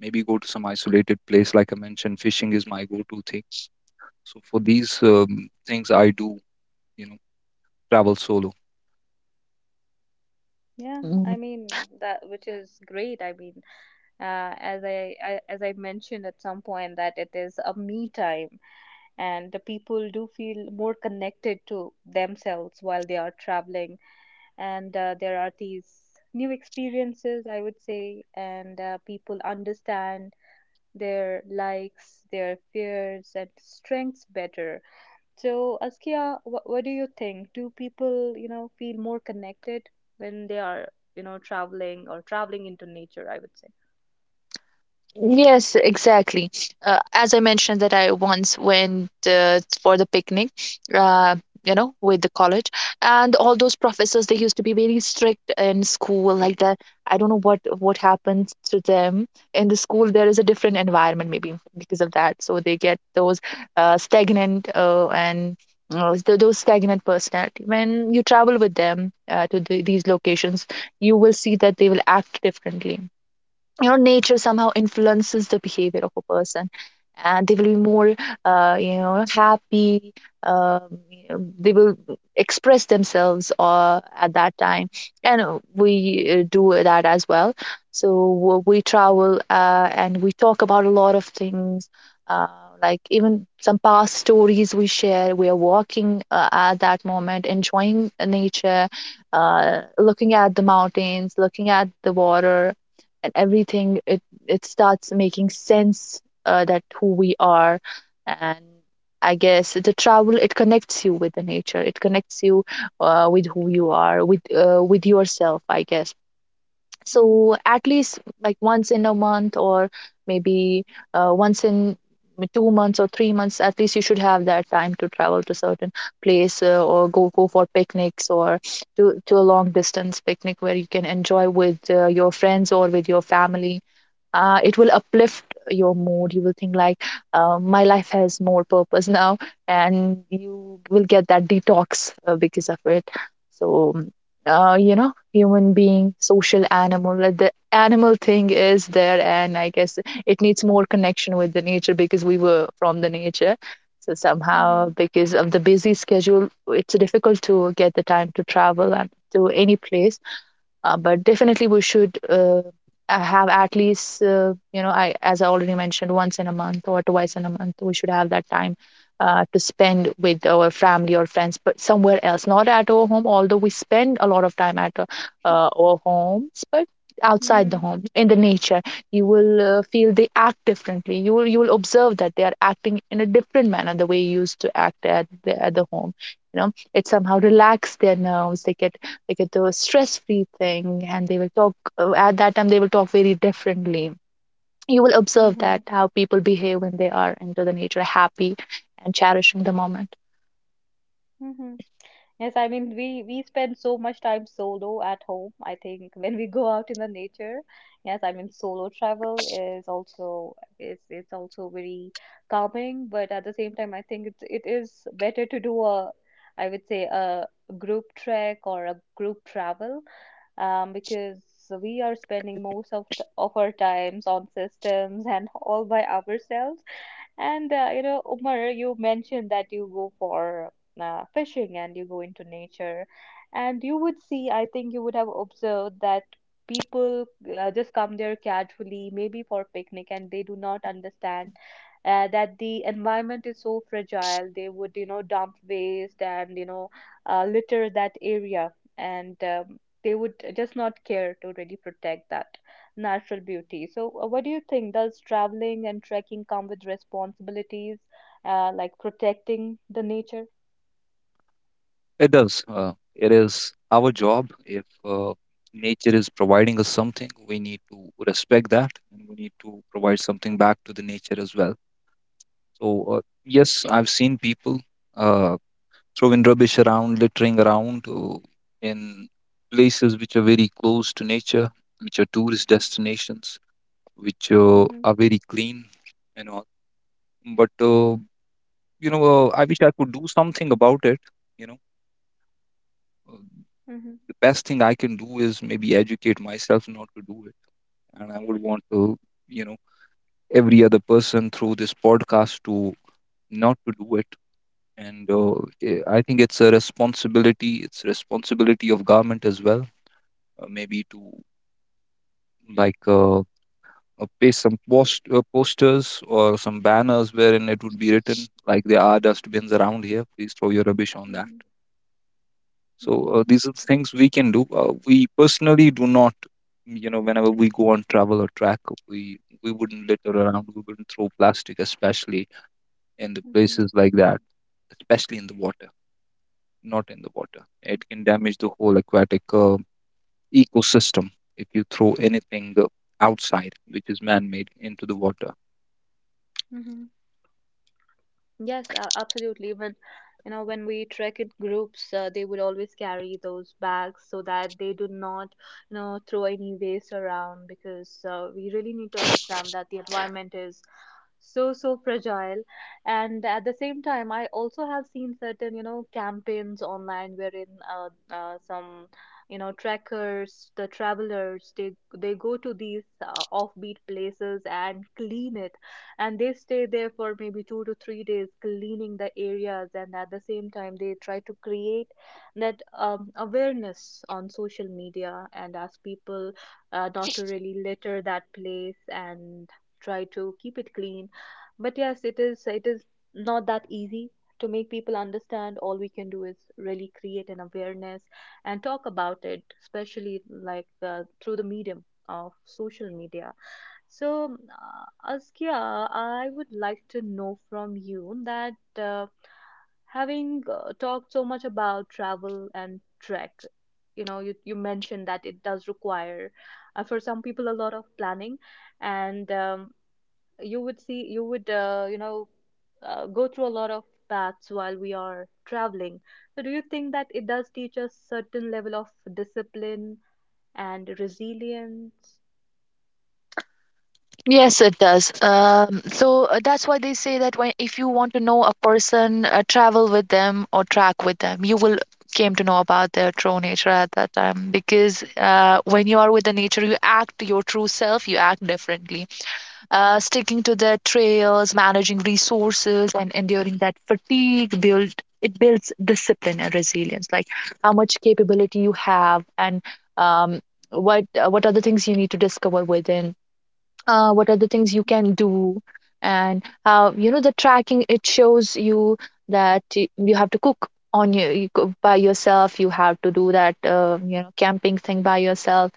[SPEAKER 2] maybe go to some isolated place. Like I mentioned, fishing is my go to thing. So for these things I do, you know, travel solo.
[SPEAKER 1] Yeah, I mean that, which is great. I mean, as I mentioned at some point that it is a me time, and the people do feel more connected to themselves while they are traveling and there are these new experiences, I would say, and people understand their likes, their fears and strengths better. So Askia, what do you think? Do people, you know, feel more connected when they are, you know, traveling or traveling into nature, I would say.
[SPEAKER 3] Yes, exactly. As I mentioned, that I once went for the picnic, uh, with the college, and all those professors, they used to be very strict in school like that. I don't know what happens to them in the school. There is a different environment, maybe because of that, so they get uh, stagnant uh, and those stagnant personality. When you travel with them to these locations, you will see that they will act differently. You know, nature somehow influences the behavior of a person, and they will be more happy. um, they will express themselves at that time. And we do that as well. So we travel and we talk about a lot of things. uh, like even some past stories we share, we are walking at that moment enjoying nature, looking at the mountains, looking at the water, and everything. It starts making sense, that who we are. And I guess the travel, it connects you with the nature, it connects you with who you are, with yourself, I guess. So
[SPEAKER 1] Mhm,
[SPEAKER 3] at least like once in a month, or maybe once in 2 months or 3 months, at least you should have that time to travel to certain place, or go for picnics, or to a long distance picnic where you can enjoy with your friends or with your family. It will uplift your mood. You will think like, my life has more purpose *laughs* now, and you will get that detox because of it. So human being, social animal, the animal thing is there, and I guess it needs more connection with the nature, because we were from the nature. So somehow,
[SPEAKER 1] mhm,
[SPEAKER 3] because of the busy schedule, it's difficult to get the time to travel and to any place, but definitely we should have at least, you know I as I already mentioned, once in a month or twice in a month we should have that time to spend with our family or friends, but somewhere else, not at our home. Although we spend a lot of time at our homes, but outside the
[SPEAKER 1] mhm,
[SPEAKER 3] home, in the nature, you will feel they act differently. You will observe that they are acting in a different manner, the way you used to act at the home. You know, it somehow relaxes their nerves. They get, like, it's a stress-free thing, and they will talk at that time, they will talk very differently. You will observe
[SPEAKER 1] mhm,
[SPEAKER 3] that how people behave when they are into the nature, happy and cherishing the moment.
[SPEAKER 1] mhm. Yes, I mean, we spend so much time solo at home. I think *laughs* when we go out in the nature, yes, I mean, solo travel is also, is it's also very calming, but at the same time I think it is better to do a, I would say, a group trek or a group travel, because we are spending most of t of our times on systems *laughs* and all by ourselves. And you know, Umar, you mentioned that you go for fishing and you go into nature, and you would see, I think you would have observed that people just come there casually, maybe for picnic, and they do not understand that the environment is so fragile. They would, you know, dump waste and, you know, litter that area, and they would just not care to really protect that natural beauty. So, what do you think? Does traveling and trekking come with responsibilities, like protecting the nature?
[SPEAKER 2] It does, it is our job. If nature is providing us something, we need to respect that, and we need to provide something back to the nature as well. So uh, yes, I've seen people uh, throwing rubbish around, littering around in places which are very close to nature, which are tourist destinations, which
[SPEAKER 1] Hmm,
[SPEAKER 2] are very clean and all. But, I wish I could do something about it. You know, uh,
[SPEAKER 1] hmm,
[SPEAKER 2] the best thing I can do is maybe educate myself not to do it. And I would want to, you know, every other person through this podcast to not to do it. And I think it's a responsibility. It's responsibility of government as well, maybe to like uh, uh, paste some posters or some banners wherein it would be written like there are dustbins around here, please throw your rubbish on that.
[SPEAKER 1] hmm,
[SPEAKER 2] So
[SPEAKER 1] hmm,
[SPEAKER 2] these are things we can do. We personally do not, you know, whenever we go on travel or track, we wouldn't litter around, we wouldn't throw plastic, especially in the
[SPEAKER 1] hmm,
[SPEAKER 2] places like that, especially in the water. Not in the water, it can damage the whole aquatic ecosystem if you throw anything outside which is man-made into the water.
[SPEAKER 1] hmm. Yes, absolutely. When, you know, when we trek in groups, they would always carry those bags so that they do not, you know, throw any waste around because we really need to understand that the environment is so so fragile. And at the same time, I also have seen certain, you know, campaigns online wherein some, you know, trekkers, the travelers, they go to these offbeat places and clean it, and they stay there for maybe 2 to 3 days cleaning the areas, and at the same time they try to create that awareness on social media and ask people not to really litter that place and try to keep it clean. But yes, it is not that easy to make people understand. All we can do is really create an awareness and talk about it, especially like through the medium of social media. So, Askia, I would like to know from you that having talked so much about travel and trek, you know, you mentioned that it does require for some people a lot of planning, and you would see, you would, you know, go through a lot of paths while we are traveling. So, do you think that it does teach us certain level of discipline and resilience?
[SPEAKER 3] Yes, it does. That's why they say that, when if you want to know a person, travel with them or track with them, you will came to know about their true nature at that time, because when you are with the nature, you act your true self, you act differently, sticking to their trails, managing resources, and enduring that fatigue builds discipline and resilience. Like how much capability you have, and um, what are the things you need to discover within. What are the things you can do, and how, you know, the tracking, it shows you that you have to cook by yourself. You have to do that camping thing by yourself.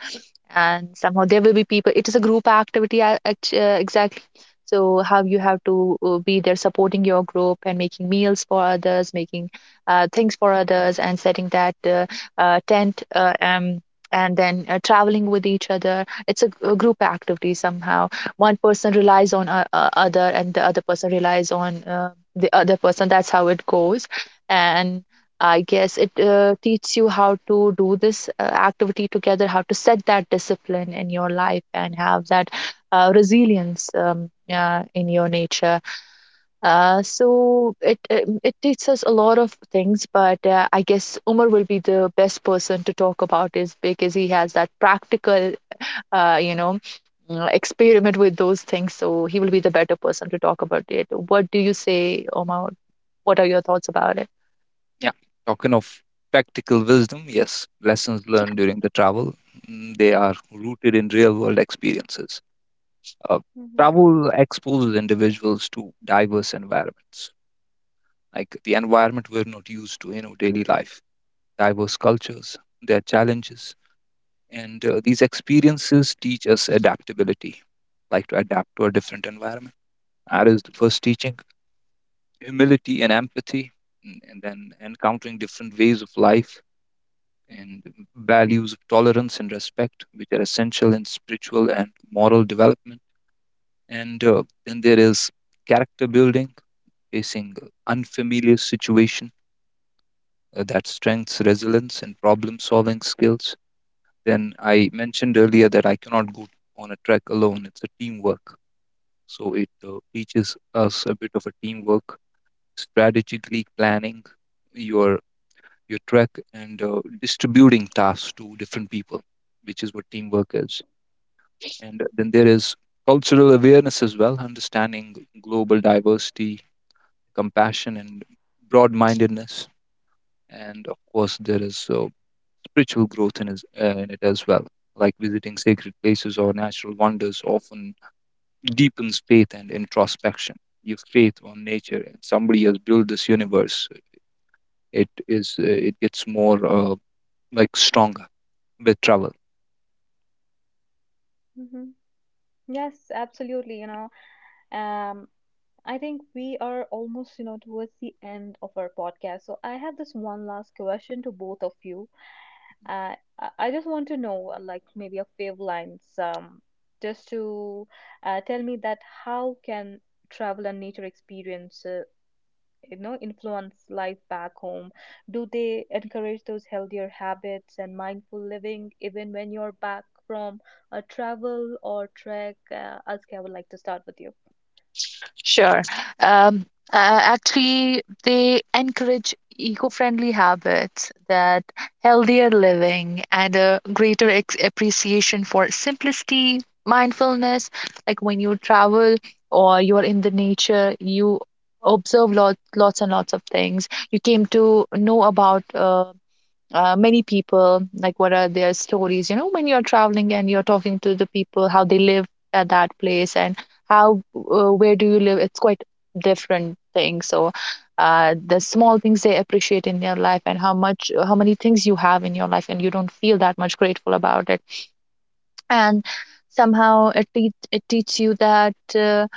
[SPEAKER 3] And somehow there will be people, it is a group activity, exactly. So how you have to be there supporting your group and making meals for others, making things for others, and setting that tent, and then traveling with each other, it's a group activity somehow. One person relies on other, and the other person relies on the other person. That's how it goes. And I guess it teaches you how to do this activity together, how to set that discipline in your life, and have that resilience in your nature. So it teaches us a lot of things, but I guess Umar will be the best person to talk about is, because he has that practical, uh, you know, experiment with those things. So he will be the better person to talk about it. What do you say, Omar? What are your thoughts about it?
[SPEAKER 2] Yeah, talking of practical wisdom, yes, lessons learned during the travel, they are rooted in real world experiences. uh,
[SPEAKER 1] Mm-hmm.
[SPEAKER 2] Travel exposes individuals to diverse environments, like the environment we're not used to, you know, daily life, diverse cultures, their challenges, and these experiences teach us adaptability, like to adapt to a different environment. That is the first teaching. Humility and empathy, and then encountering different ways of life and values of tolerance and respect, which are essential in spiritual and moral development. And then there is character building, facing unfamiliar situation, that strengths resilience and problem solving skills. Then I mentioned earlier that I cannot go on a trek alone; it's a teamwork. So it teaches us a bit of a teamwork, strategically planning your your track and distributing tasks to different people, which is what teamwork is. And then there is cultural awareness as well, understanding global diversity, compassion, and broad-mindedness. And of course there is spiritual growth in it as well, like visiting sacred places or natural wonders often deepens faith and introspection. Your faith on nature and somebody has built this universe, it is it gets more stronger with travel.
[SPEAKER 1] Yes, absolutely. You know, um, I think we are almost, you know, towards the end of our podcast. So I have this one last question to both of you. I just want to know, like maybe a few lines, just to tell me that how can travel and nature experience, you know, influence life back home? Do they encourage those healthier habits and mindful living even when you're back from a travel or trek? Aske, I would like to start with you.
[SPEAKER 3] Sure. Um, uh, Actually, they encourage eco-friendly habits, that healthier living and a greater ex appreciation for simplicity, mindfulness. Like when you travel or you are in the nature, you observe lots, lots and lots of things. You came to know about many people, like what are their stories. You know, when you're traveling and you're talking to the people, how they live at that place, and where do you live? It's quite different thing. So, the small things they appreciate in their life, and how many things you have in your life, and you don't feel that much grateful about it. And somehow it teaches you that.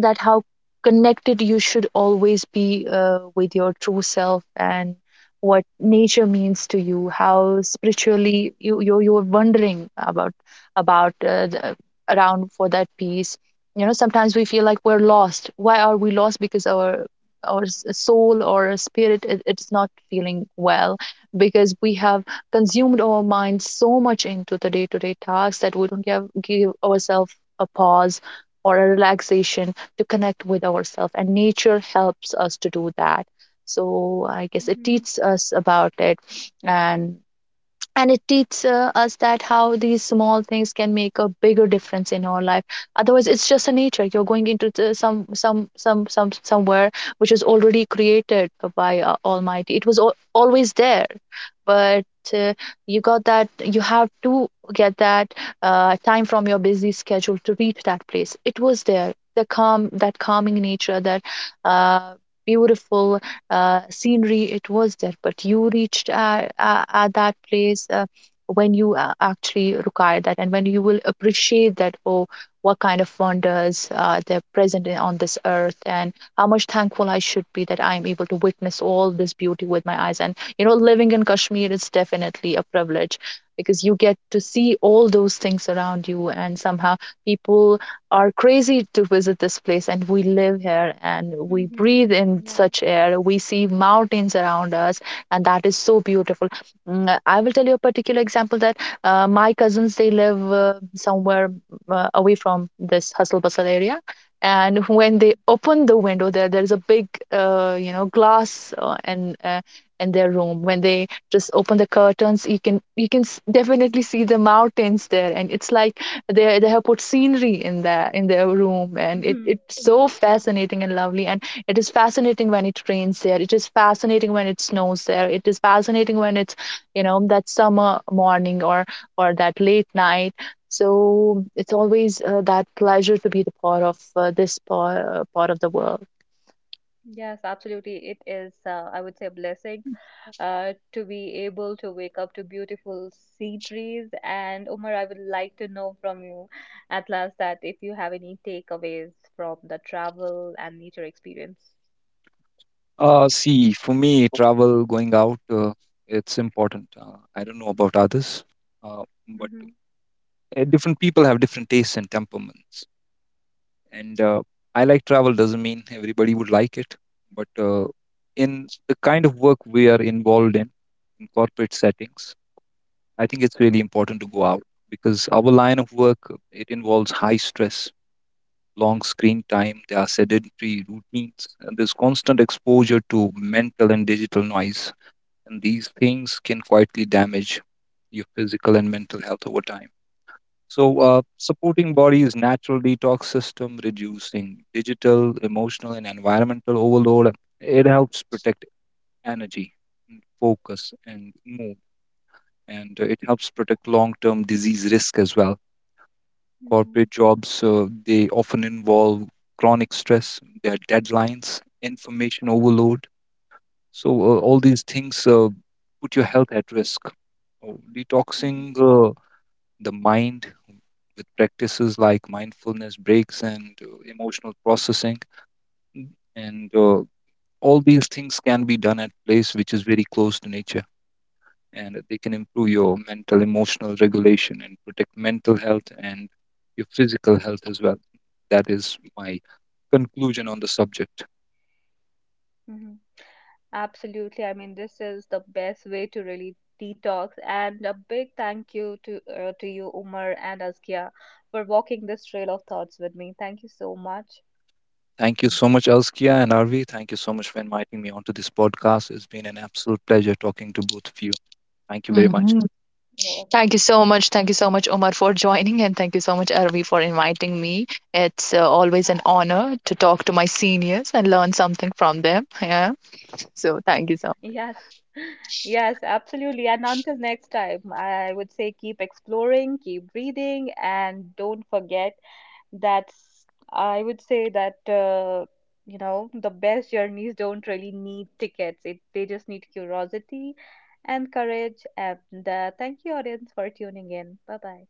[SPEAKER 3] That how connected you should always be with your true self, and what nature means to you, how spiritually you're wondering about, about uh, the, around for that peace. You know, sometimes we feel like we're lost. Why are we lost? Because our soul or our spirit, it's not feeling well. Because we have consumed our minds so much into the day-to-day tasks that we don't give ourselves a pause or a relaxation to connect with ourselves, and nature helps us to do that. So I guess it
[SPEAKER 1] Mm-hmm.
[SPEAKER 3] teaches us about it. And it teaches us that how these small things can make a bigger difference in our life. Otherwise it's just a nature, you're going into the, some somewhere, which is already created by almighty. It was always there, but uh, you have to get that time from your busy schedule to reach that place. It was there, the calming nature, that uh, beautiful scenery, it was there, but you reached at that place when you actually require that. And when you will appreciate that, oh, what kind of wonders they're present on this earth, and how much thankful I should be that I am able to witness all this beauty with my eyes. And you know,
[SPEAKER 1] Mm-hmm.
[SPEAKER 3] living in Kashmir is definitely a privilege, because you get to see all those things around you. And somehow people are crazy to visit this place, and we live here, and we
[SPEAKER 1] Mm-hmm.
[SPEAKER 3] breathe in
[SPEAKER 1] Yeah.
[SPEAKER 3] such air, we see mountains around us, and that is so beautiful. I will tell you a particular example, that my cousins, they live somewhere away from this hustle bustle area, and when they
[SPEAKER 1] Mm-hmm.
[SPEAKER 3] open the window, there's a big glass in their room. When they just open the curtains, you can definitely see the mountains there, and it's like they have put scenery in their room. And it,
[SPEAKER 1] Mm-hmm.
[SPEAKER 3] it's so fascinating and lovely. And it is fascinating when it rains there, it is fascinating when it snows there, it is fascinating when it's, you know, that summer morning, or that late night. So it's always that pleasure to be the part of this part of the world.
[SPEAKER 1] Yes, absolutely. It is, I would say, a blessing to be able to wake up to beautiful sea trees. And Umar, I would like to know from you at last that if you have any takeaways from the travel and nature experience.
[SPEAKER 2] See, for me, travel, going out, it's important. I don't know about others, uh, but
[SPEAKER 1] Mm-hmm,
[SPEAKER 2] uh, different people have different tastes and temperaments. And I like travel doesn't mean everybody would like it, but in the kind of work we are involved in corporate settings, I think it's really
[SPEAKER 1] mm-hmm,
[SPEAKER 2] important to go out, because our line of work, it involves high stress, long screen time, there are sedentary routines, and there's constant exposure to mental and digital noise, and these things can quietly damage your physical and mental health over time. So, supporting body's natural detox system, reducing digital, emotional, and environmental overload, it helps protect energy, and focus, and mood, and it helps protect long-term disease risk as well.
[SPEAKER 1] mm-hmm,
[SPEAKER 2] Corporate jobs they often involve chronic stress, their deadlines, information overload. So all these things put your health at risk. Oh, detoxing the mind with practices like mindfulness breaks and emotional processing, mm, and all these things can be done at place which is very close to nature, and they can improve your mental emotional regulation and protect mental health and your physical health as well. That is my conclusion on the subject.
[SPEAKER 1] mm-hmm. Absolutely. I mean, this is the best way to really detox. And a big thank you to you, Umar and Askia, for walking this trail of thoughts with me. Thank you so much.
[SPEAKER 2] Thank you so much, Elskia and Arvi. Thank you so much for inviting me onto this podcast. It's been an absolute pleasure talking to both of you. Thank you very much.
[SPEAKER 3] Mhm.
[SPEAKER 1] You're welcome.
[SPEAKER 3] Thank you so much. Thank you so much, Omar, for *laughs* joining. And thank you so much, Aravi, for inviting me. It's always an
[SPEAKER 1] Uh,
[SPEAKER 3] honor to talk to my seniors and learn something from them. Yeah. So thank you so much.
[SPEAKER 1] Yes, yes, absolutely. And until next time, I would say keep exploring, keep reading, and don't forget that I would say that you know, the best journeys don't really need tickets. It They just need curiosity and courage. And thank you, audience, for tuning in. Bye bye.